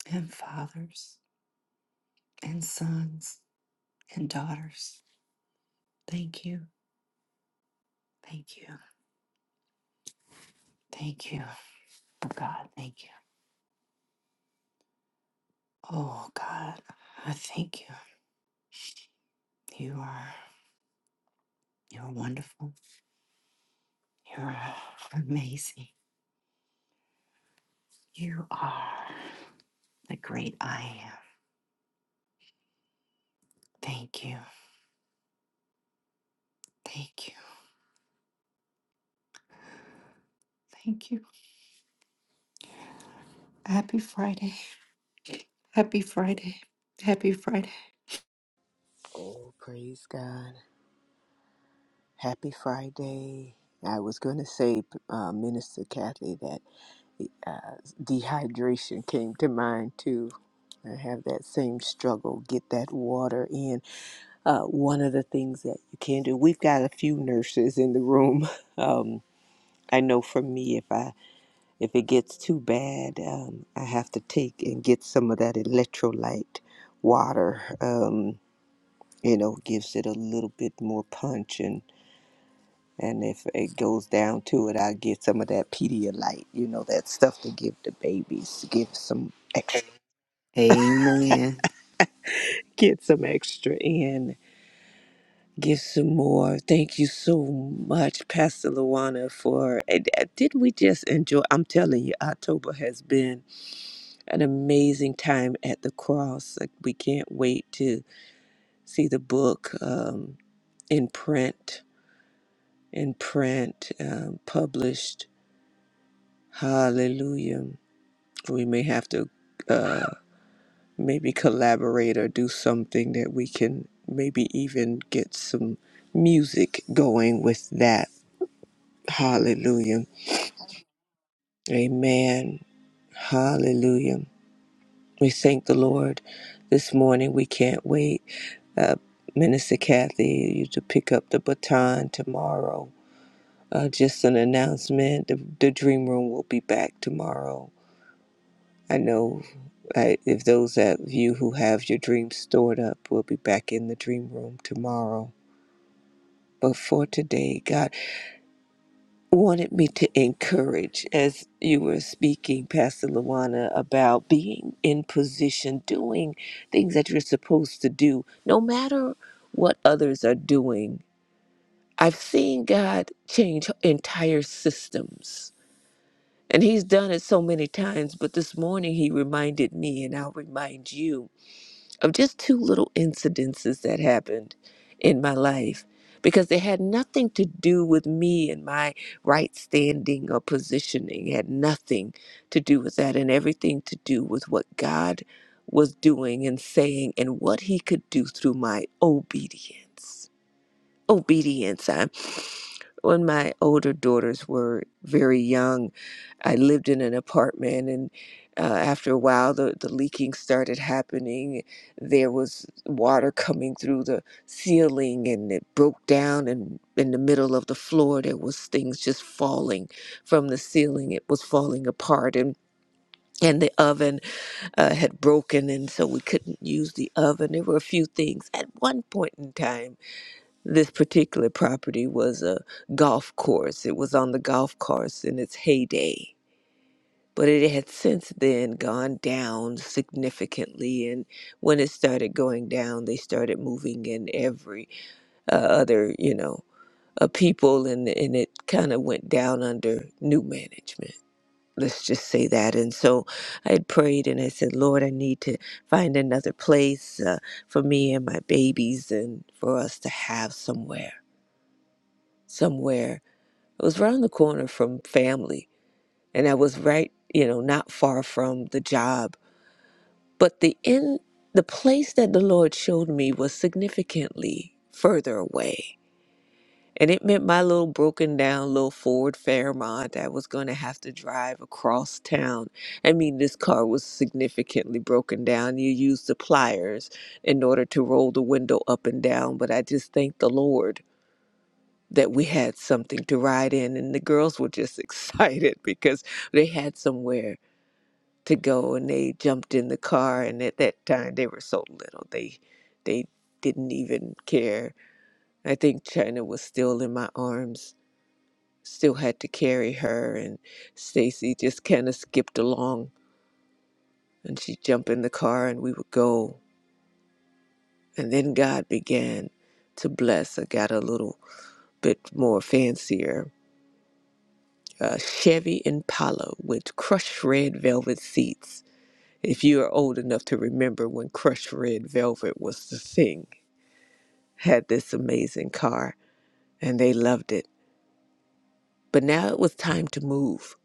S2: and fathers and sons and daughters. Thank you. Thank you. Thank you. Oh God, thank you. Oh God, I thank you. You are you're wonderful. You're amazing. You are. the great I am. Thank you. Thank you. Thank you. Happy Friday. Happy Friday. Happy Friday.
S3: Oh, praise God. Happy Friday. I was going to say, uh, Minister Kathy, that uh, dehydration came to mind too. I have that same struggle. Get that water in. Uh, one of the things that you can do, we've got a few nurses in the room. <laughs> Um, I know for me, if I if it gets too bad, um, I have to take and get some of that electrolyte water. Um, you know, gives it a little bit more punch and. And if it goes down to it, i get some of that Pedialyte, you know, that stuff to give the babies, give some extra,
S2: Amen.
S3: get some extra in, give some more. Thank you so much, Pastor Luana, for, and, uh, did we just enjoy? I'm telling you, October has been an amazing time at the cross. Like, we can't wait to see the book um, in print, in print, um, published. Hallelujah. we may have to uh, maybe collaborate or do something that we can maybe even get some music going with that. Hallelujah. Amen. Hallelujah. We thank the Lord this morning. We can't wait. Uh, Minister Kathy, you to pick up the baton tomorrow. Uh, just an announcement. The, the Dream Room will be back tomorrow I know I, if those of you who have your dreams stored up will be back in the dream room tomorrow. But for today, God wanted me to encourage, as you were speaking, Pastor Luana, about being in position, doing things that you're supposed to do, no matter what others are doing. I've seen God change entire systems, and He's done it so many times. But this morning, He reminded me, and I'll remind you of just two little incidences that happened in my life because they had nothing to do with me and my right standing or positioning It had nothing to do with that and everything to do with what God was doing and saying and what he could do through my obedience obedience. I, when my older daughters were very young, I lived in an apartment, and uh, after a while, the, the leaking started happening. There was water coming through the ceiling, and it broke down. And in the middle of the floor, there was things just falling from the ceiling. It was falling apart, and and the oven uh, had broken, and so we couldn't use the oven. There were a few things at one point in time this particular property was a golf course. It was on the golf course in its heyday. But it had since then gone down significantly. And when it started going down, they started moving in every uh, other, you know, uh, people, and, and it kind of went down under new management. Let's just say that. And so I had prayed and I said, Lord, I need to find another place uh, for me and my babies and for us to have somewhere, somewhere It was around the corner from family, and I was right, you know, not far from the job. But the in the place that the Lord showed me was significantly further away. And it meant my little broken down little Ford Fairmont that was going to have to drive across town. I mean, this car was significantly broken down. You used the pliers in order to roll the window up and down, but I just thank the Lord that we had something to ride in and the girls were just <laughs> excited because they had somewhere to go and they jumped in the car and at that time they were so little they they didn't even care i think china was still in my arms still had to carry her and stacy just kind of skipped along and she'd jump in the car and we would go and then god began to bless i got a little bit more fancier uh, Chevy Impala with crushed red velvet seats. If you are old enough to remember when crushed red velvet was the thing, had this amazing car and they loved it. But now it was time to move.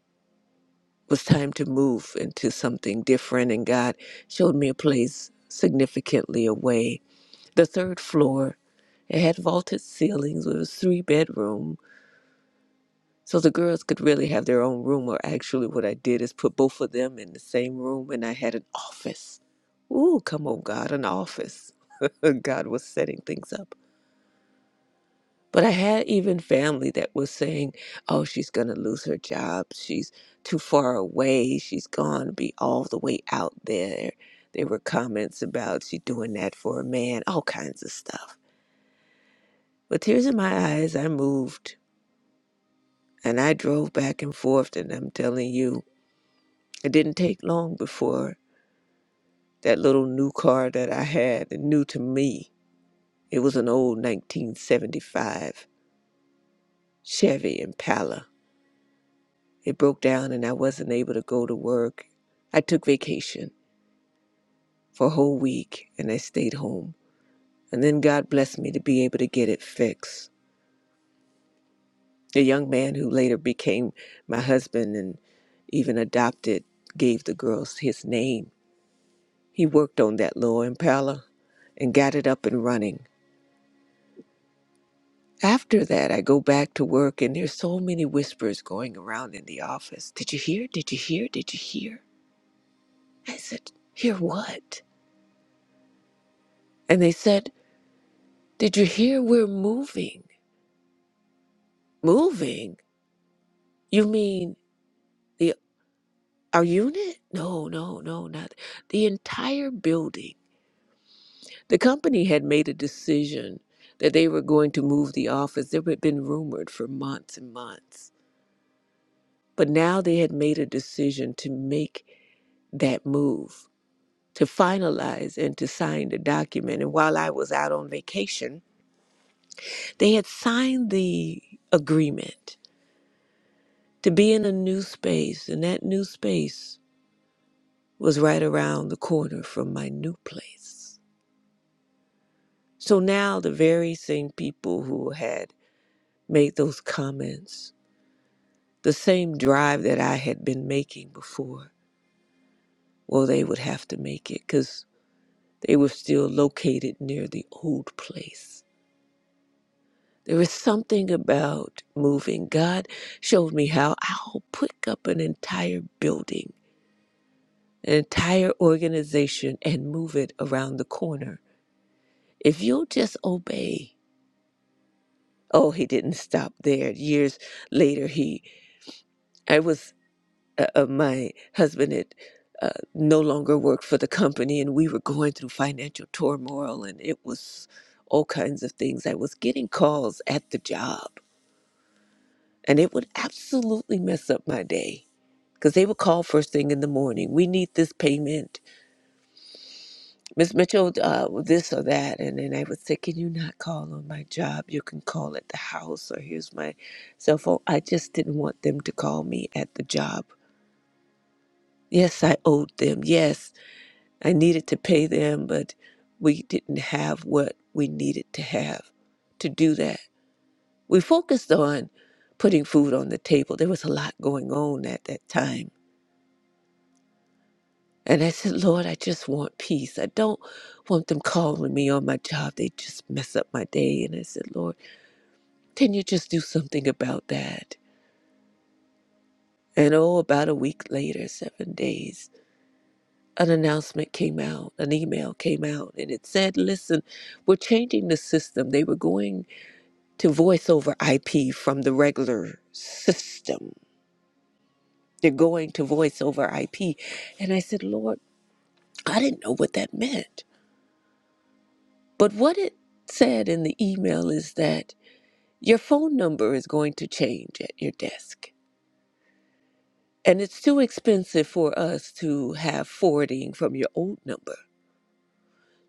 S3: It was time to move into something different and God showed me a place significantly away. The third floor, it had vaulted ceilings. It was three bedroom So the girls could really have their own room, or actually, what I did is put both of them in the same room, and I had an office. Ooh, come on, God, an office. <laughs> God was setting things up. But I had even family that was saying, oh, she's going to lose her job. She's too far away. She's going to be all the way out there. There were comments about she doing that for a man, all kinds of stuff. With tears in my eyes, I moved and I drove back and forth, and I'm telling you, It didn't take long before that little new car that I had, new to me, it was an old 1975 Chevy Impala. It broke down and I wasn't able to go to work. I took vacation for a whole week and I stayed home. And then God blessed me to be able to get it fixed. The young man who later became my husband and even adopted gave the girls his name. He worked on that little Impala and got it up and running. After that, I go back to work, and there's so many whispers going around in the office. Did you hear? Did you hear? Did you hear? I said, Hear what? And they said, Did you hear we're moving? Moving? You mean the our unit? No, no, no, not the entire building. The company had made a decision that they were going to move the office. There had been rumored for months and months. But now they had made a decision to make that move to finalize and to sign the document. And while I was out on vacation, they had signed the agreement to be in a new space, and that new space was right around the corner from my new place. So now the very same people who had made those comments, the same drive that I had been making before, well, they would have to make it because they were still located near the old place. There is something about moving. God showed me how I'll pick up an entire building, an entire organization, and move it around the corner. If you'll just obey. Oh, he didn't stop there. Years later, he, I was, uh, uh, my husband had uh, no longer worked for the company, and we were going through financial turmoil, and it was all kinds of things. I was getting calls at the job, and it would absolutely mess up my day because they would call first thing in the morning. We need this payment, Miss Mitchell, uh, this or that, and then I would say, "Can you not call on my job? You can call at the house, or here's my cell phone." I just didn't want them to call me at the job. Yes, I owed them. Yes, I needed to pay them, but we didn't have what we needed to have to do that. We focused on putting food on the table. There was a lot going on at that time And I said, Lord, I just want peace. I don't want them calling me on my job. They just mess up my day. And I said, Lord, can you just do something about that? And oh, about a week later, seven days, an announcement came out, an email came out, and it said, Listen, we're changing the system. They were going to voice over IP from the regular system. They're going to voice over IP. And I said, Lord, I didn't know what that meant. But what it said in the email is that your phone number is going to change at your desk. And it's too expensive for us to have forwarding from your old number.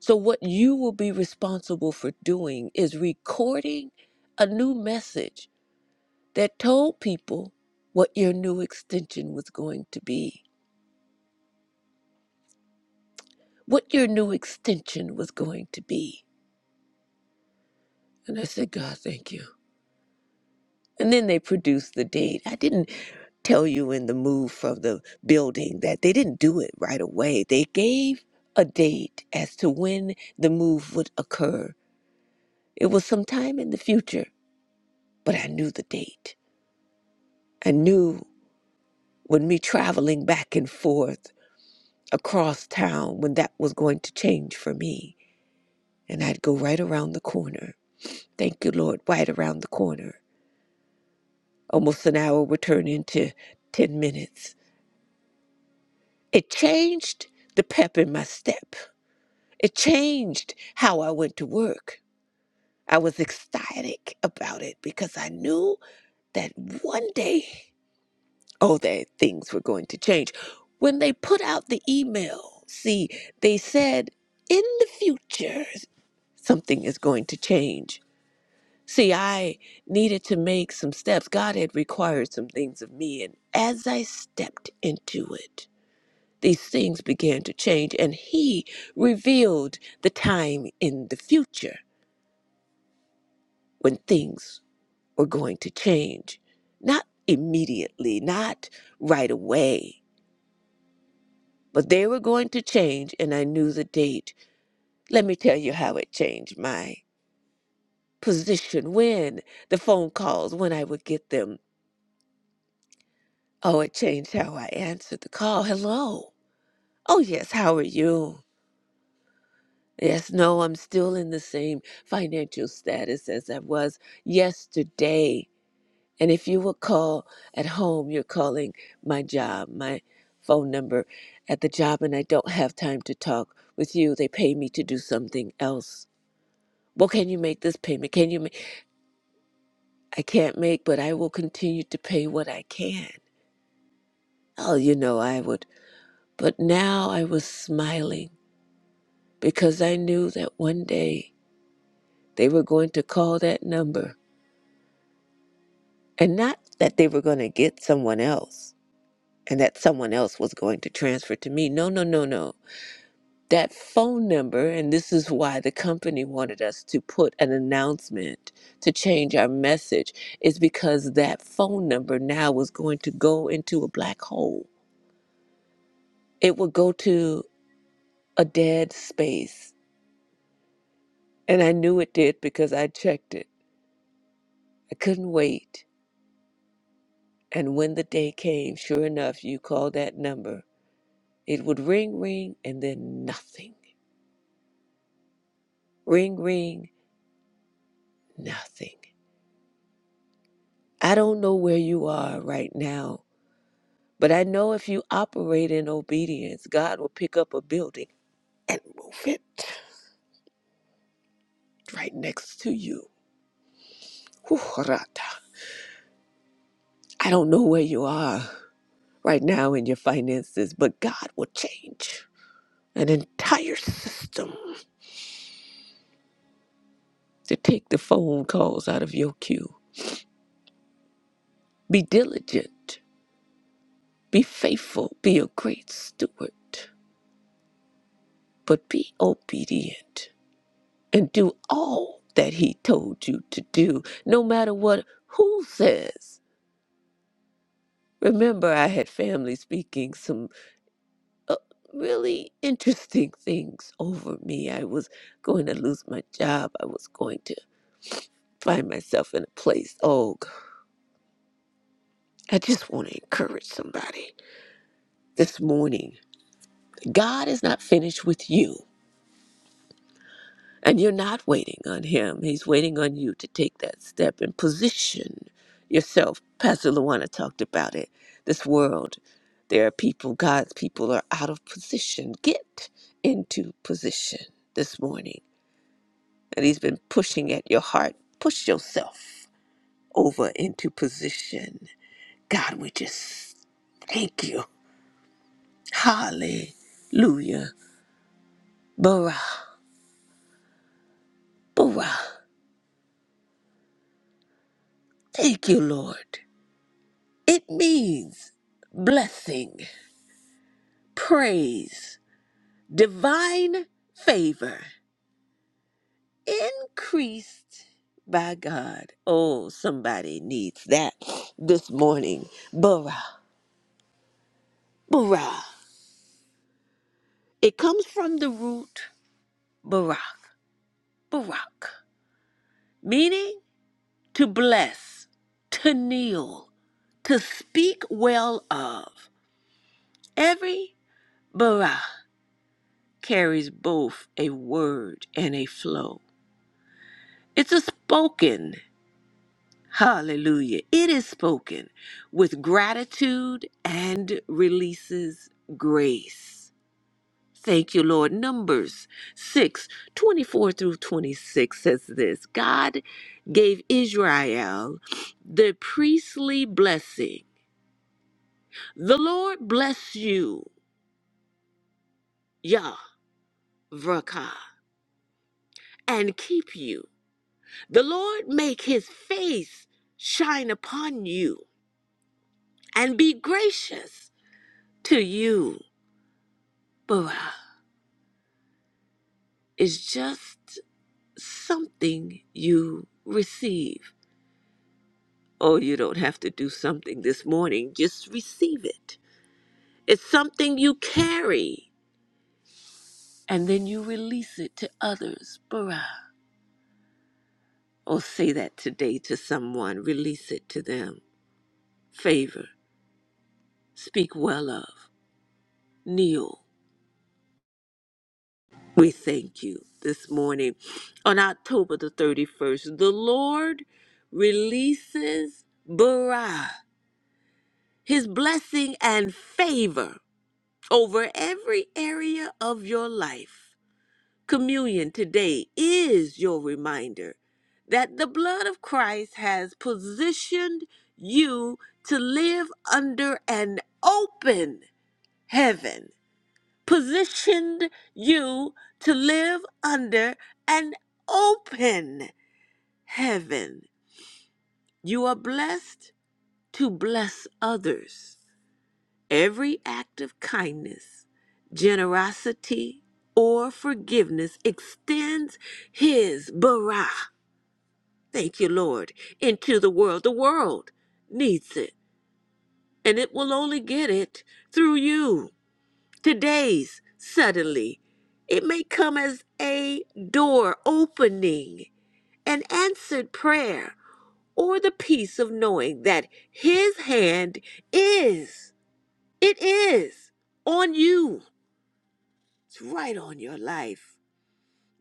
S3: So, what you will be responsible for doing is recording a new message that told people what your new extension was going to be. What your new extension was going to be. And I said, God, thank you. And then they produced the deed. I didn't tell you in the move from the building that they didn't do it right away. They gave a date as to when the move would occur. It was sometime in the future, but I knew the date. I knew when me traveling back and forth across town when that was going to change for me. And I'd go right around the corner. Thank you, Lord, right around the corner. Almost an hour would turn into 10 minutes It changed the pep in my step. It changed how I went to work. I was ecstatic about it because I knew that one day, oh, that things were going to change. When they put out the email, see, they said in the future, something is going to change. See, I needed to make some steps. God had required some things of me. And as I stepped into it, these things began to change, and he revealed the time in the future when things were going to change. Not immediately, not right away, but they were going to change, and I knew the date. Let me tell you how it changed my position when the phone calls, when I would get them. Oh, it changed how I answered the call. Hello. Oh, yes, how are you? Yes, no, I'm still in the same financial status as I was yesterday. And if you will call at home, you're calling my job, my phone number at the job, and I don't have time to talk with you. They pay me to do something else. Well, can you make this payment? Can you make? I can't make, but I will continue to pay what I can. Oh, you know, I would. But now I was smiling because I knew that one day they were going to call that number And not that they were going to get someone else and that someone else was going to transfer to me. No, no, no, no. That phone number, and this is why the company wanted us to put an announcement to change our message, is because that phone number now was going to go into a black hole. It would go to a dead space. And I knew it did because I checked it. I couldn't wait. And when the day came, sure enough, you called that number. It would ring, ring, and then nothing Ring, ring, nothing. I don't know where you are right now, but I know if you operate in obedience, God will pick up a building and move it right next to you. Whew, rata. I don't know where you are right now in your finances, but God will change an entire system to take the phone calls out of your queue. Be diligent, be faithful, be a great steward, but be obedient. and do all that he told you to do, no matter what who says. Remember, I had family speaking some uh, really interesting things over me. I was going to lose my job, I was going to find myself in a place. Oh, God. I just want to encourage somebody this morning. God is not finished with you. And you're not waiting on him. He's waiting on you to take that step and position yourself. Pastor Luana talked about it. This world, there are people, God's people are out of position. Get into position this morning. And he's been pushing at your heart. Push yourself over into position. God, we just thank you. Hallelujah. Bara, bara. Thank you, Lord. It means blessing, praise, divine favor, increased by God. Oh, somebody needs that this morning. Bara, bara. It comes from the root barak, barak, meaning to bless, to kneel, to speak well of. Every bara carries both a word and a flow. It's a spoken. Hallelujah. It is spoken with gratitude and releases grace. Thank you, Lord. Numbers 6 24 through 26 says this God gave Israel the priestly blessing. The Lord bless you, Yahvrakah, and keep you. The Lord make his face shine upon you and be gracious. to you, Bara, is just something you receive. Oh, you don't have to do something this morning, just receive it. It's something you carry, and then you release it to others, Bara. Oh, say that today to someone, release it to them. Favor, speak well of. Kneel. We thank you this morning. On October the 31st, the Lord releases Bara his blessing and favor over every area of your life. Communion today is your reminder that the blood of Christ has positioned you to live under an open heaven, positioned you to live under an open heaven. You are blessed to bless others. Every act of kindness, generosity, or forgiveness extends his bara, thank you, Lord, into the world. The world needs it, and it will only get it through you. Today's suddenly, it may come as a door opening, an answered prayer, or the peace of knowing that his hand is, it is on you It's right on your life.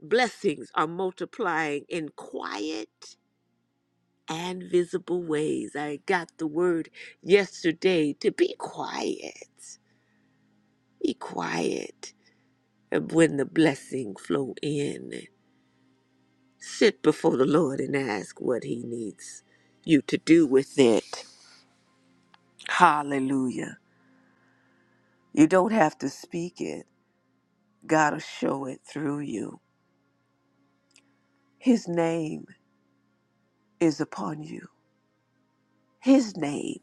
S3: Blessings are multiplying in quiet and visible ways. I got the word yesterday to be quiet. Be quiet. And when the blessing flow in, sit before the Lord and ask what he needs you to do with it. Hallelujah. You don't have to speak it. God will show it through you. His name is upon you. His name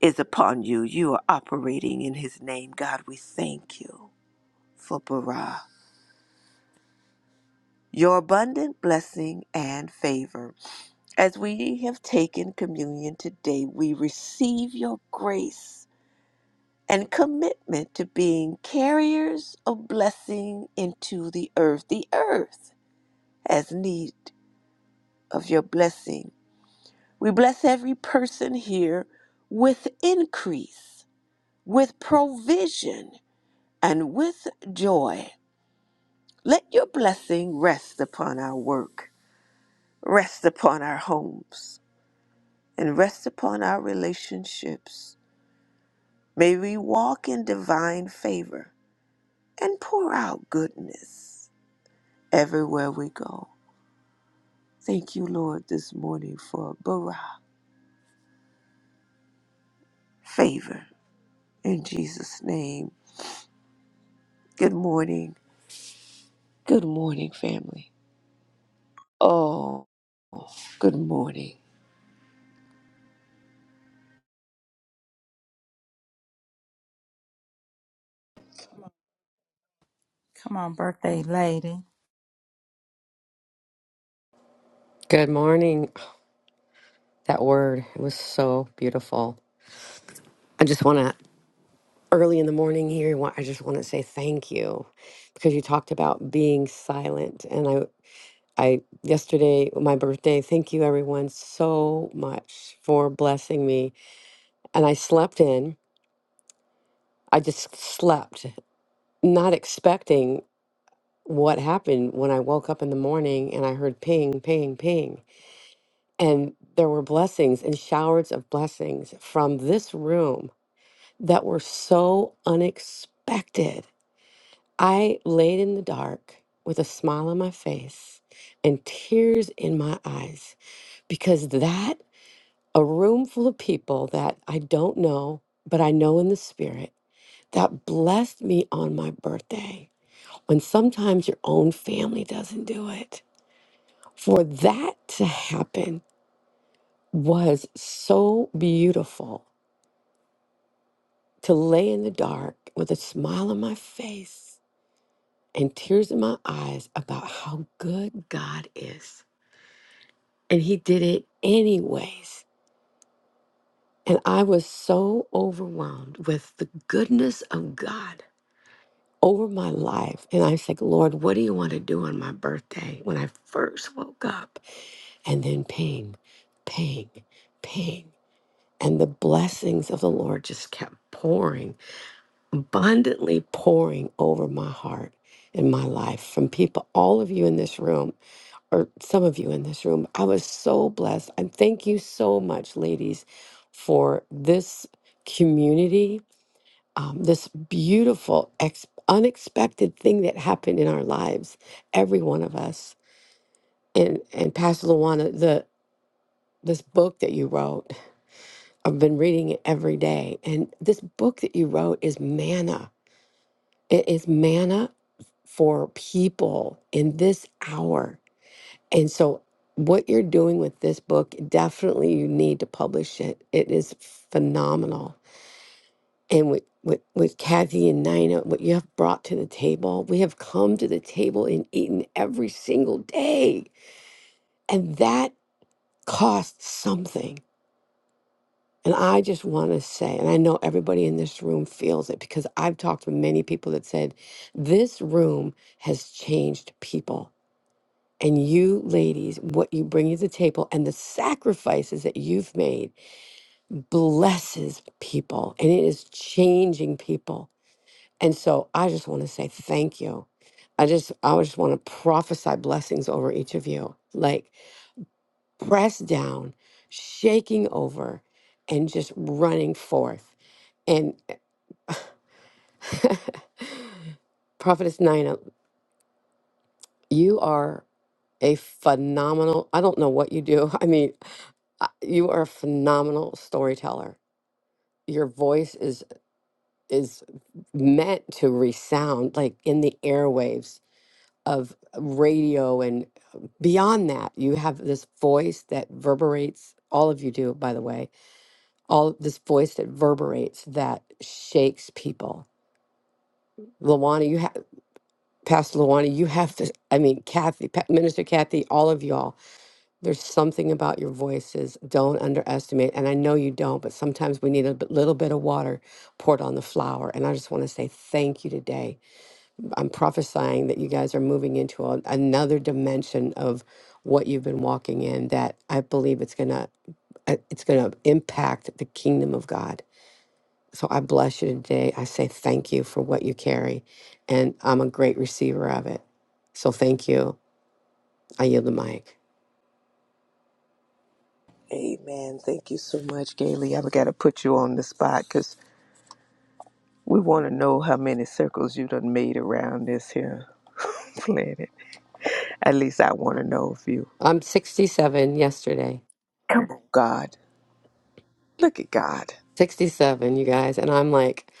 S3: is upon you. You are operating in his name. God, we thank you for Bara, your abundant blessing and favor. As we have taken communion today, we receive your grace and commitment to being carriers of blessing into the earth. The earth has need of your blessing. We bless every person here with increase, with provision, and with joy. Let your blessing rest upon our work, rest upon our homes, and rest upon our relationships. May we walk in divine favor and pour out goodness everywhere we go. Thank you, Lord, this morning for bara favor in Jesus' name. Good morning. Good morning, family. Oh, good morning.
S1: Come on, birthday lady.
S4: Good morning. That word was so beautiful. I just want to, early in the morning here, wa- I just want to say thank you because you talked about being silent. And I, I, yesterday, my birthday, thank you everyone so much for blessing me. And I slept in. I just slept, not expecting what happened when I woke up in the morning and I heard ping, ping, ping. And there were blessings and showers of blessings from this room that were so unexpected. I laid in the dark with a smile on my face and tears in my eyes because that, a room full of people that I don't know, but I know in the spirit, that blessed me on my birthday when sometimes your own family doesn't do it. For that to happen was so beautiful to lay in the dark with a smile on my face and tears in my eyes about how good God is. And He did it anyways. And I was so overwhelmed with the goodness of God over my life. And I was like, Lord, what do you want to do on my birthday when I first woke up? And then ping, ping, ping. And the blessings of the Lord just kept pouring, abundantly pouring over my heart and my life from people, all of you in this room or some of you in this room. I was so blessed. And thank you so much, ladies, for this community, um, this beautiful, ex- unexpected thing that happened in our lives, every one of us. And, and Pastor Luana, the this book that you wrote, I've been reading it every day. And this book that you wrote is manna. It is manna for people in this hour And so, what you're doing with this book, definitely you need to publish it. It is phenomenal. And with, with, with Kathy and Nina, what you have brought to the table, we have come to the table and eaten every single day. And that costs something. And I just want to say, and I know everybody in this room feels it because I've talked to many people that said, this room has changed people and you ladies, what you bring to the table and the sacrifices that you've made blesses people and it is changing people. And so I just want to say thank you. I just I just want to prophesy blessings over each of you. Like pressed down, shaking over, and just running forth. And <laughs> Prophetess Nina, you are a phenomenal, I don't know what you do. <laughs> I mean, I- you are a phenomenal storyteller your voice is is meant to resound like in the airwaves of radio and uh, beyond that you have this voice that reverberates all of you do by the way all this voice that reverberates that shakes people Luana you have Pastor Luana you have this I mean Kathy Pa- Minister Kathy all of y'all There's something about your voices. Don't underestimate. And I know you don't, but sometimes we need a bit- little bit of water poured on the flower. And I just want to say thank you today. I'm prophesying that you guys are moving into a, another dimension of what you've been walking in that I believe it's going to it's going to impact the kingdom of God. So I bless you today. I say thank you for what you carry and I'm a great receiver of it. So thank you. I yield the mic.
S3: Amen. Thank you so much, Gailey. I've got to put you on the spot because. We want to know how many circles you done made around this here <laughs> planet. At least I want to know a few.
S4: I'm 67 yesterday.
S3: Come on, God. Look at God.
S4: 67, you guys, and I'm like,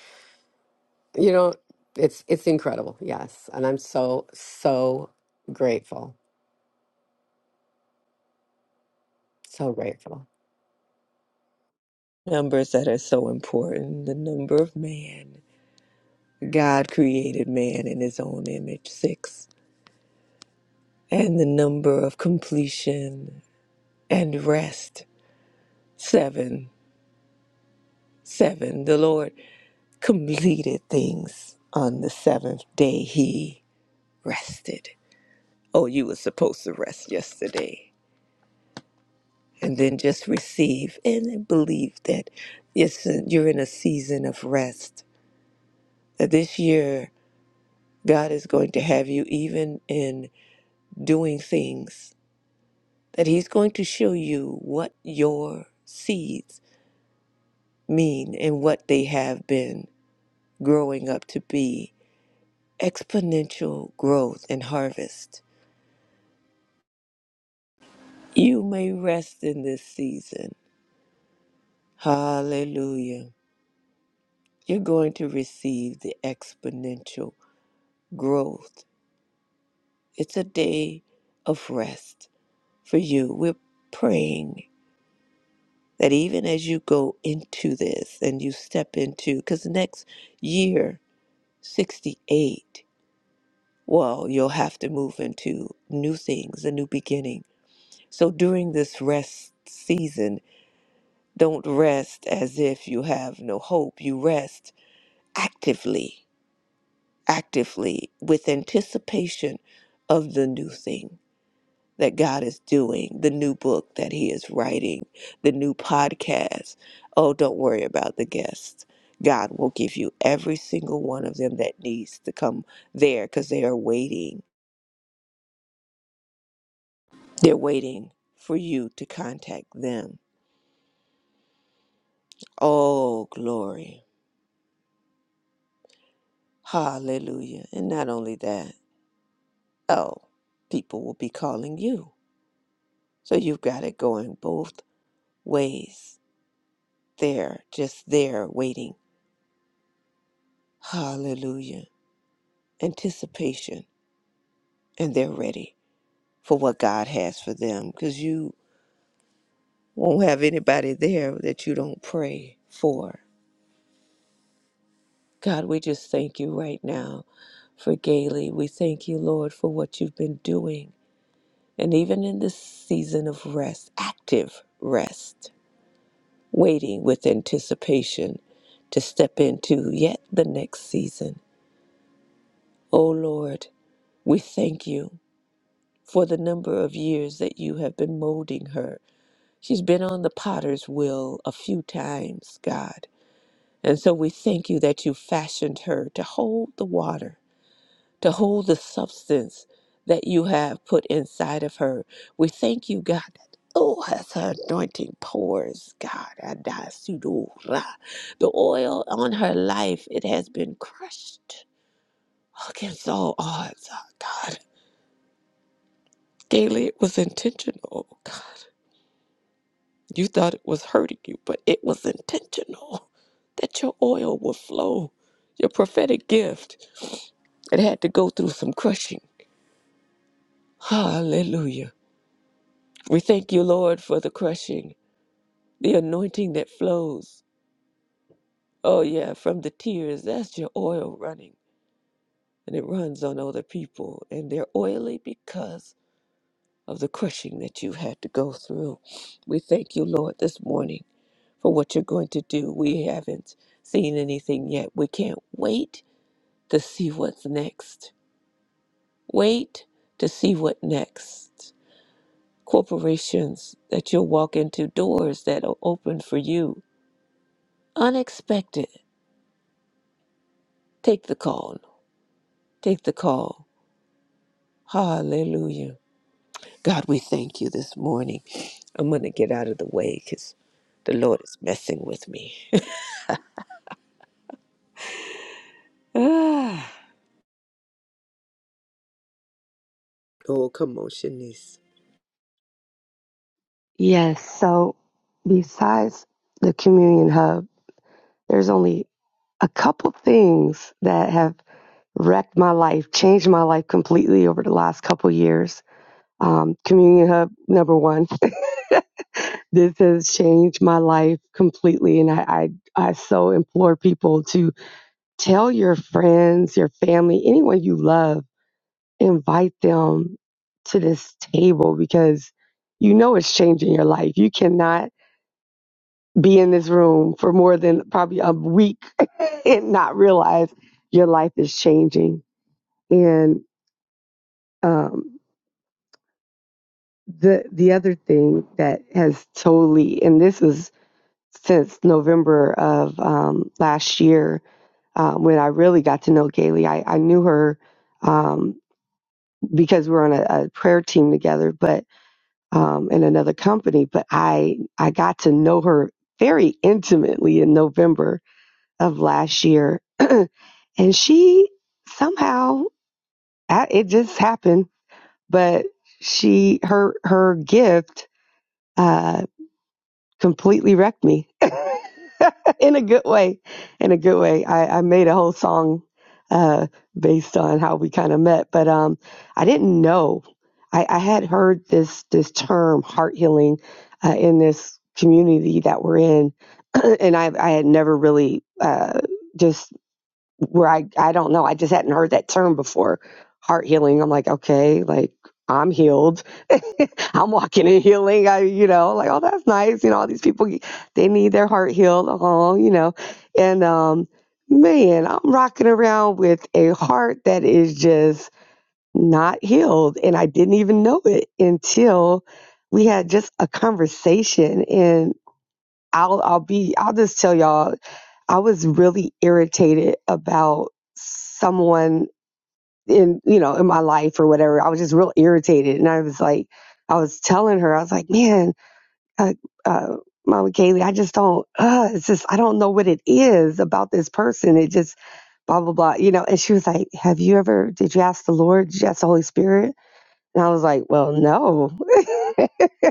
S4: you know, it's it's incredible. Yes, and I'm so so grateful. So grateful.
S3: Numbers that are so important. The number of man. God created man in his own image, six. And the number of completion and rest, seven. Seven. The Lord completed things on the seventh day. He rested. Oh, you were supposed to rest yesterday. and then just receive and believe that it's you're in a season of rest. That This year, God is going to have you even in doing things, that He's going to show you what your seeds mean and what they have been growing up to be exponential growth and harvest. You may rest in this season. Hallelujah. You're going to receive the exponential growth It's a day of rest for you. We're praying that even as you go into this and you step into, because next year, 68, well, you'll have to move into new things, a new beginning. So during this rest season, don't rest as if you have no hope. You rest actively, actively with anticipation of the new thing that God is doing, the new book that He is writing, the new podcast. Oh, don't worry about the guests. God will give you every single one of them that needs to come there because they are waiting. They're waiting for you to contact them. Oh, glory. Hallelujah. And not only that, oh, people will be calling you. So you've got it going both ways. There, just there, waiting. Hallelujah. Anticipation and they're ready for what God has for them because you won't have anybody there that you don't pray for. God, we just thank you right now for Gailey. We thank you, Lord, for what you've been doing. And even in this season of rest, active rest, waiting with anticipation to step into yet the next season. Oh, Lord, we thank you for the number of years that you have been molding her She's been on the potter's wheel a few times, God. And so we thank you that you fashioned her to hold the water, to hold the substance that you have put inside of her. We thank you, God. that Oh, as her anointing pours, God, adasudura, the oil on her life, it has been crushed against all odds, oh God. Daily, it was intentional, oh God. You thought it was hurting you, but it was intentional <laughs> that your oil would flow, your prophetic gift. It had to go through some crushing. Hallelujah. We thank you, Lord, for the crushing, the anointing that flows. Oh, yeah, from the tears. That's your oil running. And it runs on other people, and they're oily because of the crushing that you had to go through. We thank you, Lord, this morning for what you're going to do. We haven't seen anything yet. We can't wait to see what's next. Wait to see what next. Corporations that you'll walk into, doors that are open for you. Unexpected. Take the call. Take the call. Hallelujah. God, we thank you this morning. I'm going to get out of the way because the Lord is messing with me. <laughs> Ah, oh, commotion is.
S5: Yes. So, besides the communion hub, there's only a couple things that have wrecked my life, changed my life completely over the last couple years. Um, communion hub number one. <laughs> this has changed my life completely, and I, I I so implore people to tell your friends, your family, anyone you love, invite them to this table because you know it's changing your life. You cannot be in this room for more than probably a week <laughs> and not realize your life is changing. And um, the the other thing that has totally and this is since November of um, last year uh, when I really got to know Kaylee, I, I knew her um, because we were on a, a prayer team together, but um, in another company. But I I got to know her very intimately in November of last year and she somehow I- it just happened but she her her gift uh completely wrecked me <laughs> in a good way in a good way i i made a whole song uh based on how we kind of met but um i didn't know i i had heard this this term heart healing uh, in this community that we're in <clears throat> and i i had never really uh just where I I don't know. I just hadn't heard that term before. Heart healing. I'm like, okay, like I'm healed. <laughs> I'm walking in healing. I, you know, like, oh, that's nice. You know, all these people, they need their heart healed. Oh, you know, and um, man, I'm rocking around with a heart that is just not healed, and I didn't even know it until we had just a conversation, and. I'll I'll be I'll just tell y'all I was really irritated about someone in you know in my life or whatever. I was just real irritated, and I was like, I was telling her, I was like, man, uh, uh, Mama Kaylee, I just don't. Uh, it's just I don't know what it is about this person. It just blah blah blah, you know. And she was like, Have you ever? Did you ask the Lord? Did you ask the Holy Spirit? And I was like, Well, no. <laughs>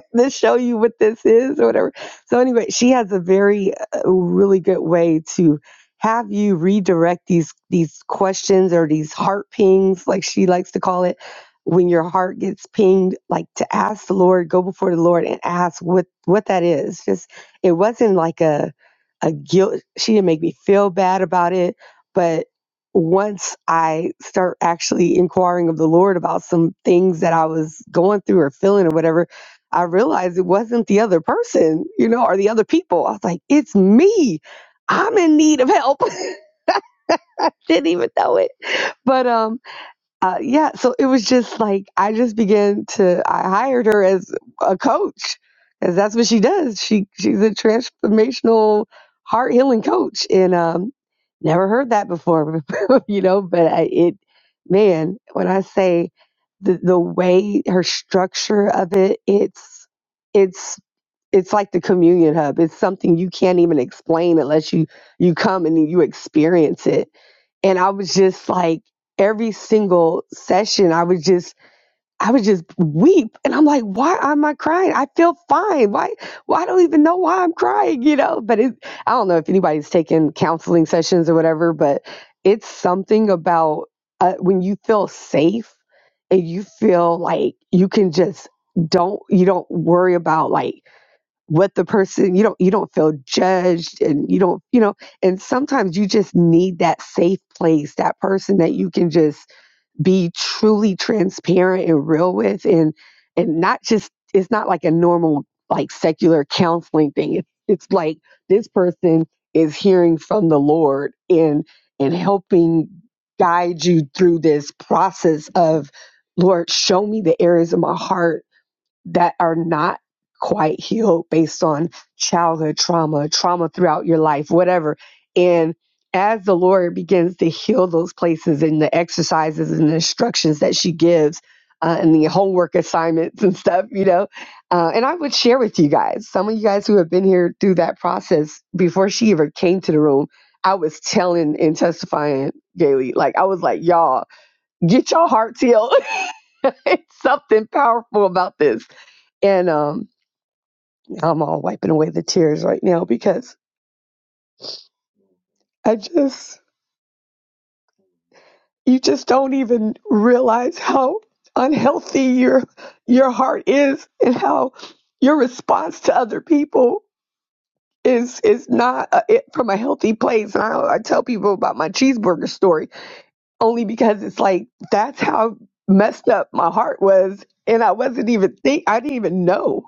S5: <laughs> let show you what this is or whatever. So anyway, she has a very uh, really good way to have you redirect these these questions or these heart pings, like she likes to call it, when your heart gets pinged, like to ask the Lord, go before the Lord and ask what what that is. Just it wasn't like a a guilt. She didn't make me feel bad about it, but once I start actually inquiring of the Lord about some things that I was going through or feeling or whatever, I realized it wasn't the other person, you know, or the other people. I was like, it's me. I'm in need of help. <laughs> Didn't even know it. But um uh, yeah, so it was just like I just began to I hired her as a coach cuz that's what she does. She she's a transformational heart healing coach and um never heard that before, <laughs> you know, but I, it man, when I say the the way her structure of it, it's it's it's like the communion hub it's something you can't even explain unless you you come and you experience it and i was just like every single session i was just i would just weep and i'm like why am i crying i feel fine why why I don't even know why i'm crying you know but it i don't know if anybody's taken counseling sessions or whatever but it's something about uh, when you feel safe and you feel like you can just don't you don't worry about like what the person you don't you don't feel judged and you don't you know and sometimes you just need that safe place that person that you can just be truly transparent and real with and and not just it's not like a normal like secular counseling thing it, it's like this person is hearing from the lord and and helping guide you through this process of lord show me the areas of my heart that are not quite healed based on childhood trauma, trauma throughout your life, whatever. And as the Lord begins to heal those places and the exercises and the instructions that she gives uh, and the homework assignments and stuff, you know, uh, and I would share with you guys, some of you guys who have been here through that process before she ever came to the room, I was telling and testifying daily. Like, I was like, y'all, get your hearts healed. <laughs> it's something powerful about this and um, I'm all wiping away the tears right now because I just, you just don't even realize how unhealthy your your heart is and how your response to other people is is not uh, it, from a healthy place. And I, I tell people about my cheeseburger story only because it's like that's how messed up my heart was, and I wasn't even think I didn't even know.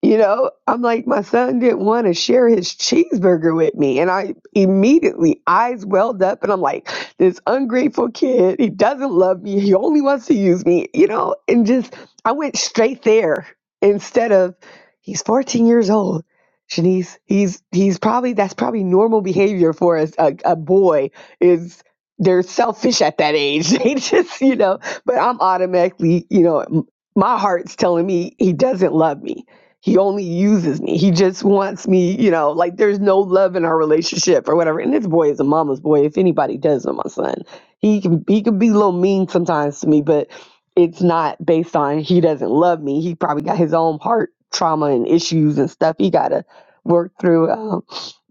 S5: You know, I'm like, my son didn't want to share his cheeseburger with me. And I immediately, eyes welled up, and I'm like, this ungrateful kid, he doesn't love me. He only wants to use me, you know, and just, I went straight there instead of, he's 14 years old. Shanice, he's, he's probably, that's probably normal behavior for us. A, a boy is, they're selfish at that age. <laughs> They just, you know, but I'm automatically, you know, m- my heart's telling me he doesn't love me he only uses me. He just wants me, you know, like there's no love in our relationship or whatever. And this boy is a mama's boy. If anybody does know my son, he can he can be a little mean sometimes to me, but it's not based on he doesn't love me. He probably got his own heart trauma and issues and stuff he gotta work through. Um,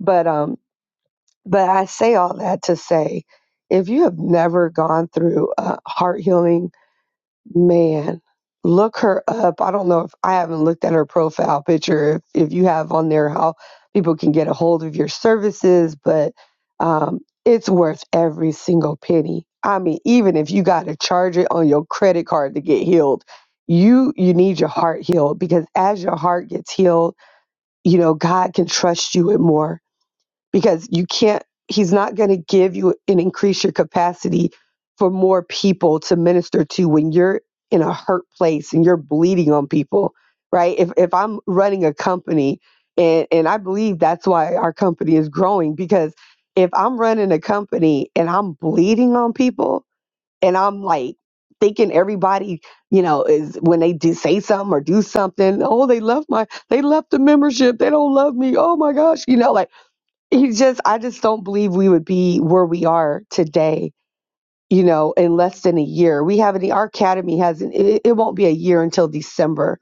S5: but um, but I say all that to say, if you have never gone through uh, heart healing Man, look her up. I don't know if I haven't looked at her profile picture. If if you have on there how people can get a hold of your services, but um, it's worth every single penny. I mean, even if you got to charge it on your credit card to get healed, you you need your heart healed because as your heart gets healed, you know God can trust you with more because you can't he's not going to give you and increase your capacity for more people to minister to when you're in a hurt place and you're bleeding on people right if if i'm running a company and and i believe that's why our company is growing because if i'm running a company and i'm bleeding on people and i'm like thinking everybody you know is when they do say something or do something oh they love my they left the membership they don't love me oh my gosh you know like he just i just don't believe we would be where we are today you know in less than a year we have any our academy has an, it, it won't be a year until december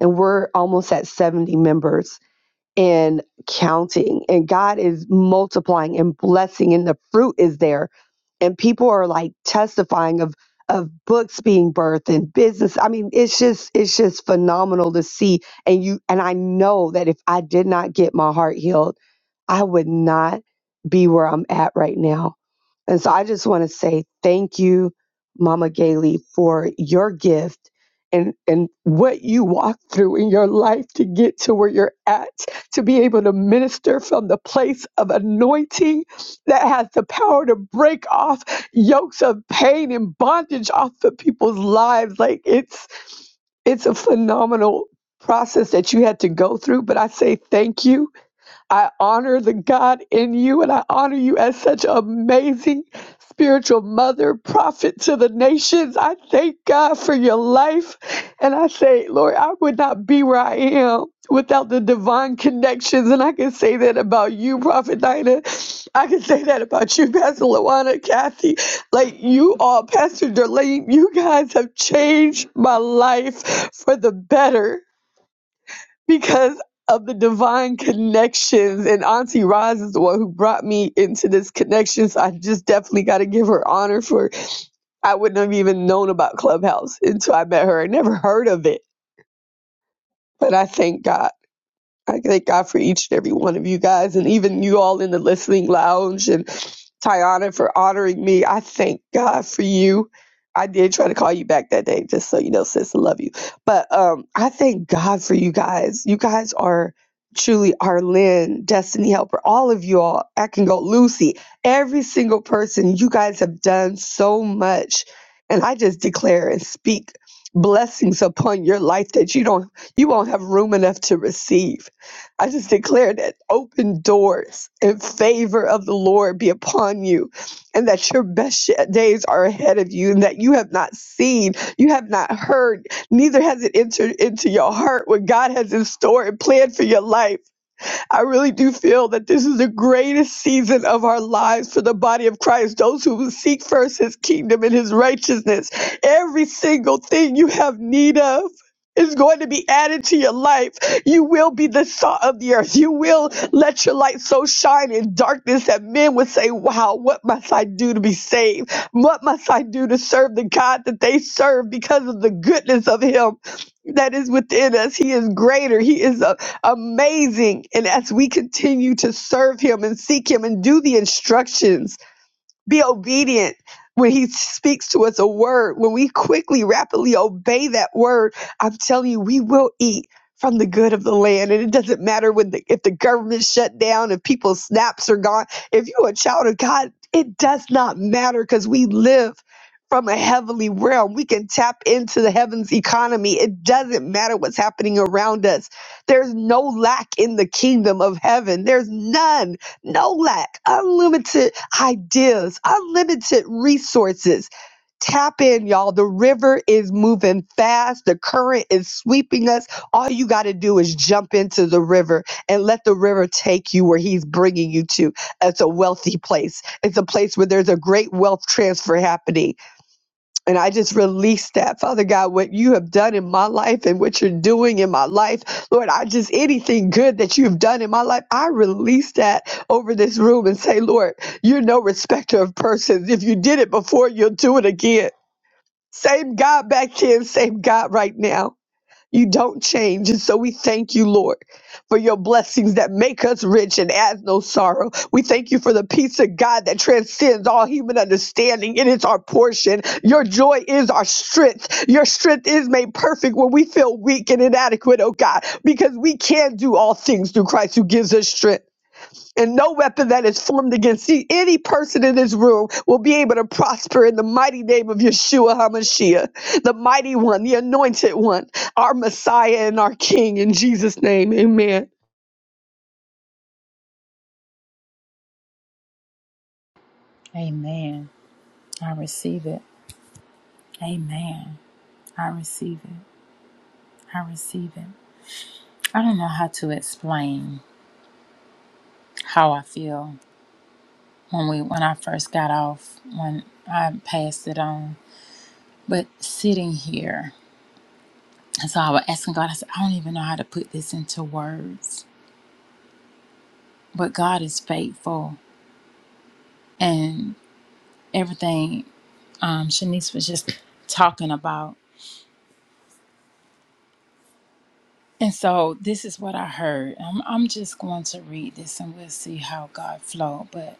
S5: and we're almost at 70 members and counting and god is multiplying and blessing and the fruit is there and people are like testifying of of books being birthed and business i mean it's just it's just phenomenal to see and you and i know that if i did not get my heart healed I would not be where I'm at right now. And so I just want to say thank you, Mama Gailey, for your gift and, and what you walked through in your life to get to where you're at, to be able to minister from the place of anointing that has the power to break off yokes of pain and bondage off of people's lives. Like it's it's a phenomenal process that you had to go through. But I say thank you I honor the God in you, and I honor you as such an amazing spiritual mother, prophet to the nations. I thank God for your life. And I say, Lord, I would not be where I am without the divine connections. And I can say that about you, Prophet Dinah. I can say that about you, Pastor Lawana, Kathy. Like you all, Pastor Darlene, you guys have changed my life for the better because of the divine connections. And Auntie Roz is the one who brought me into this connection. So I just definitely got to give her honor for I wouldn't have even known about Clubhouse until I met her. I never heard of it, but I thank God. I thank God for each and every one of you guys, and even you all in the listening lounge, and Tiana for honoring me. I thank God for you. I did try to call you back that day, just so you know, sis, I love you. But um, I thank God for you guys. You guys are truly Arlen, Destiny Helper, all of you all. I can go Lucy, every single person. You guys have done so much, and I just declare and speak blessings upon your life that you don't you won't have room enough to receive I just declare that open doors and favor of the Lord be upon you, and that your best days are ahead of you, and that you have not seen, you have not heard, neither has it entered into your heart what God has in store and planned for your life. I really do feel that this is the greatest season of our lives for the body of Christ. Those who will seek first his kingdom and his righteousness, every single thing you have need of. Is going to be added to your life. You will be the salt of the earth. You will let your light so shine in darkness that men would say, Wow, what must I do to be saved? What must I do to serve the God that they serve because of the goodness of Him that is within us? He is greater. He is amazing. And as we continue to serve him and seek him and do the instructions be obedient when he speaks to us a word when we quickly rapidly obey that word i'm telling you we will eat from the good of the land and it doesn't matter when the, if the government shut down if people's snaps are gone if you're a child of god it does not matter because we live from a heavenly realm we can tap into the heavens economy it doesn't matter what's happening around us there's no lack in the kingdom of heaven there's none no lack, unlimited ideas, unlimited resources. Tap in, y'all. The river is moving fast, the current is sweeping us. All you got to do is jump into the river and let the river take you where He's bringing you to. It's a wealthy place, it's a place where there's a great wealth transfer happening. And I just release that, Father God, what you have done in my life and what you're doing in my life. Lord, I just, anything good that you've done in my life, I release that over this room and say, Lord, you're no respecter of persons. If you did it before, you'll do it again. Same God back then, same God right now. You don't change. And so we thank you, Lord, for your blessings that make us rich and add no sorrow. We thank you for the peace of God that transcends all human understanding. It is our portion. Your joy is our strength. Your strength is made perfect when we feel weak and inadequate, oh God, because we can do all things through Christ who gives us strength and no weapon that is formed against e- any person in this room will be able to prosper in the mighty name of Yeshua HaMashiach, the mighty one, the anointed one, our Messiah and our King. In Jesus' name, amen.
S1: Amen. I receive it. Amen. I receive it. I receive it. I don't know how to explain how I feel when we when I first got off when I passed it on. But sitting here, and so I was asking God, I said, I don't even know how to put this into words. But God is faithful and everything um Shanice was just talking about. And so this is what I heard. I'm I'm just going to read this and we'll see how God flowed. But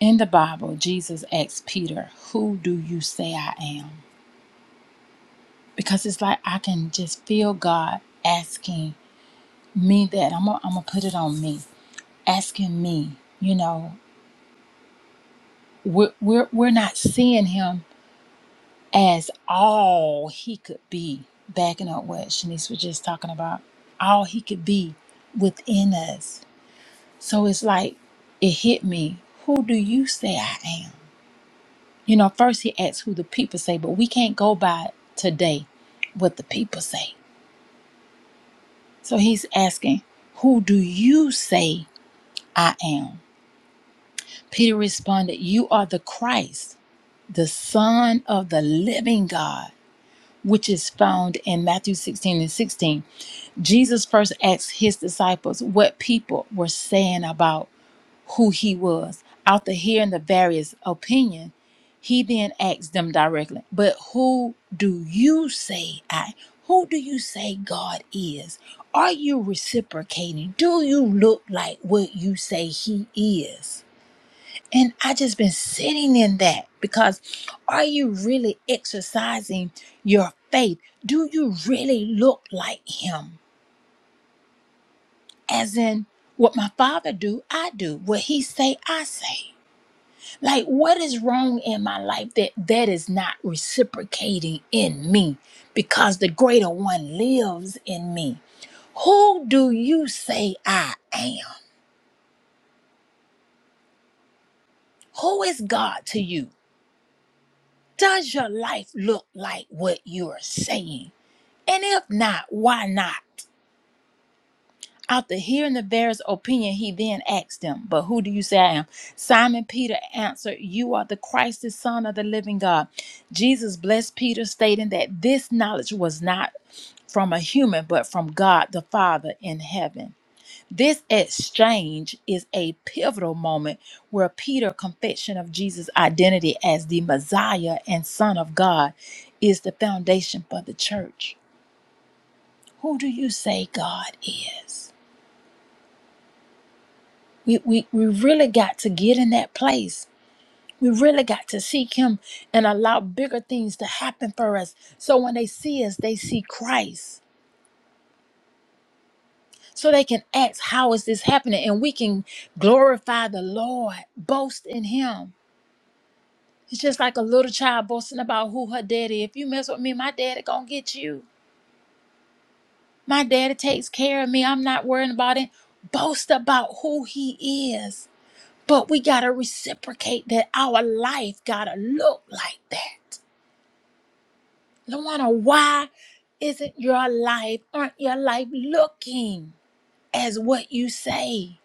S1: in the Bible, Jesus asked Peter, Who do you say I am? Because it's like I can just feel God asking me that I'm gonna, I'm gonna put it on me, asking me. You know, we're, we're we're not seeing him as all he could be. Backing up what Shanice was just talking about, all he could be within us. So it's like it hit me. Who do you say I am? You know, first he asks who the people say, but we can't go by today what the people say. So he's asking, who do you say I am? Peter responded, You are the Christ, the Son of the living God, which is found in Matthew 16 and 16. Jesus first asked his disciples what people were saying about who he was. After hearing the various opinion, he then asked them directly, But who do you say I? Who do you say God is? Are you reciprocating? Do you look like what you say he is? And I just been sitting in that because are you really exercising your faith? Do you really look like him? As in what my father do, I do. What he say, I say. Like what is wrong in my life that that is not reciprocating in me because the greater one lives in me. Who do you say I am? Who is God to you? Does your life look like what you're saying? And if not, why not? After hearing the bearer's opinion, he then asked them, But who do you say I am? Simon Peter answered, You are the Christ, the Son of the living God. Jesus blessed Peter, stating that this knowledge was not from a human, but from God the Father in heaven. This exchange is a pivotal moment where Peter's confession of Jesus' identity as the Messiah and Son of God is the foundation for the church. Who do you say God is? We, we, we really got to get in that place. We really got to seek Him and allow bigger things to happen for us. So when they see us, they see Christ. So they can ask, How is this happening? And we can glorify the Lord, boast in Him. It's just like a little child boasting about who her daddy. If you mess with me, my daddy gonna get you. My daddy takes care of me. I'm not worrying about it. Boast about who he is But we got to reciprocate that our life got to look like that. Luana, why isn't your life, aren't your life looking as what you say?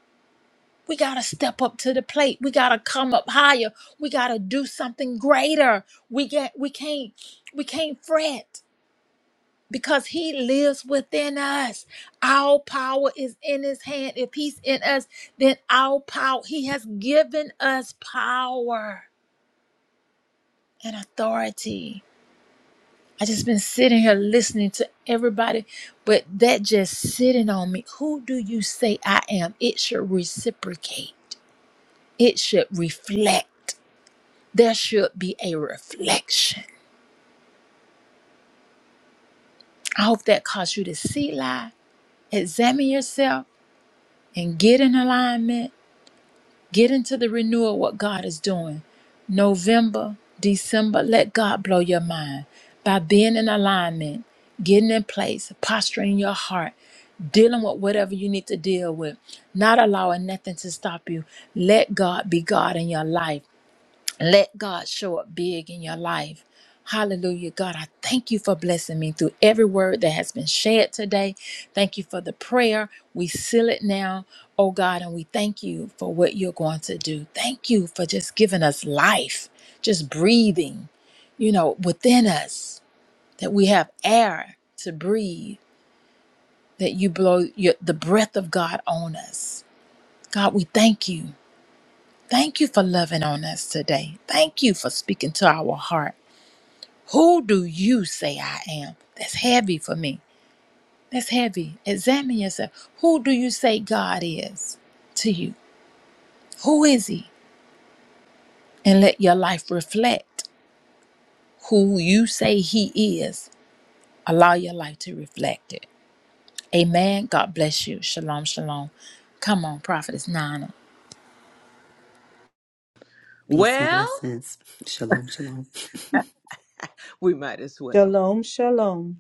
S1: We got to step up to the plate. We got to come up higher. We got to do something greater. We get we can't we can't fret because he lives within us. Our power is in his hand. If he's in us, then our power he has given us power and authority. I just been sitting here listening to everybody, but that just sitting on me. Who do you say I am? It should reciprocate. It should reflect. There should be a reflection. I hope that caused you to see lie, examine yourself, and get in alignment Get into the renewal what God is doing. November, December, let God blow your mind by being in alignment, getting in place, posturing your heart, dealing with whatever you need to deal with, not allowing nothing to stop you. Let God be God in your life. Let God show up big in your life. Hallelujah. God, I thank you for blessing me through every word that has been shared today. Thank you for the prayer. We seal it now, oh God, and we thank you for what you're going to do. Thank you for just giving us life, just breathing, you know, within us, that we have air to breathe, that you blow your, the breath of God on us. God, we thank you. Thank you for loving on us today. Thank you for speaking to our heart. Who do you say I am? That's heavy for me. That's heavy. Examine yourself. Who do you say God is to you? Who is He? And let your life reflect who you say He is. Allow your life to reflect it. Amen. God bless you. Shalom, shalom. Come on, Prophetess Nana.
S2: Peace and
S3: Well,
S2: blessings. Shalom, shalom. <laughs>
S3: we might as well.
S6: Shalom, shalom.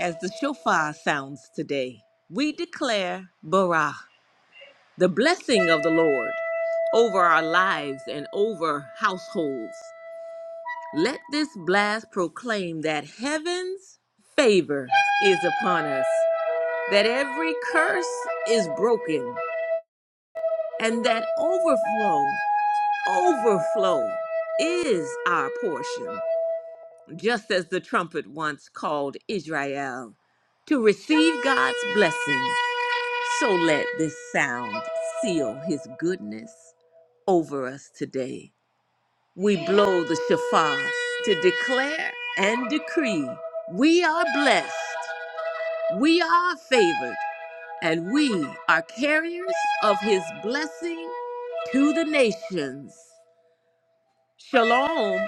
S3: As the shofar sounds today, we declare Barah, the blessing of the Lord, over our lives and over households. Let this blast proclaim that heaven's favor is upon us, that every curse is broken, And that overflow, overflow is our portion, just as the trumpet once called Israel. To receive God's blessing, so let this sound seal his goodness over us today. We blow the shofar to declare and decree we are blessed, we are favored, and we are carriers of his blessing to the nations. Shalom.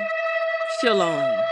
S3: Shalom.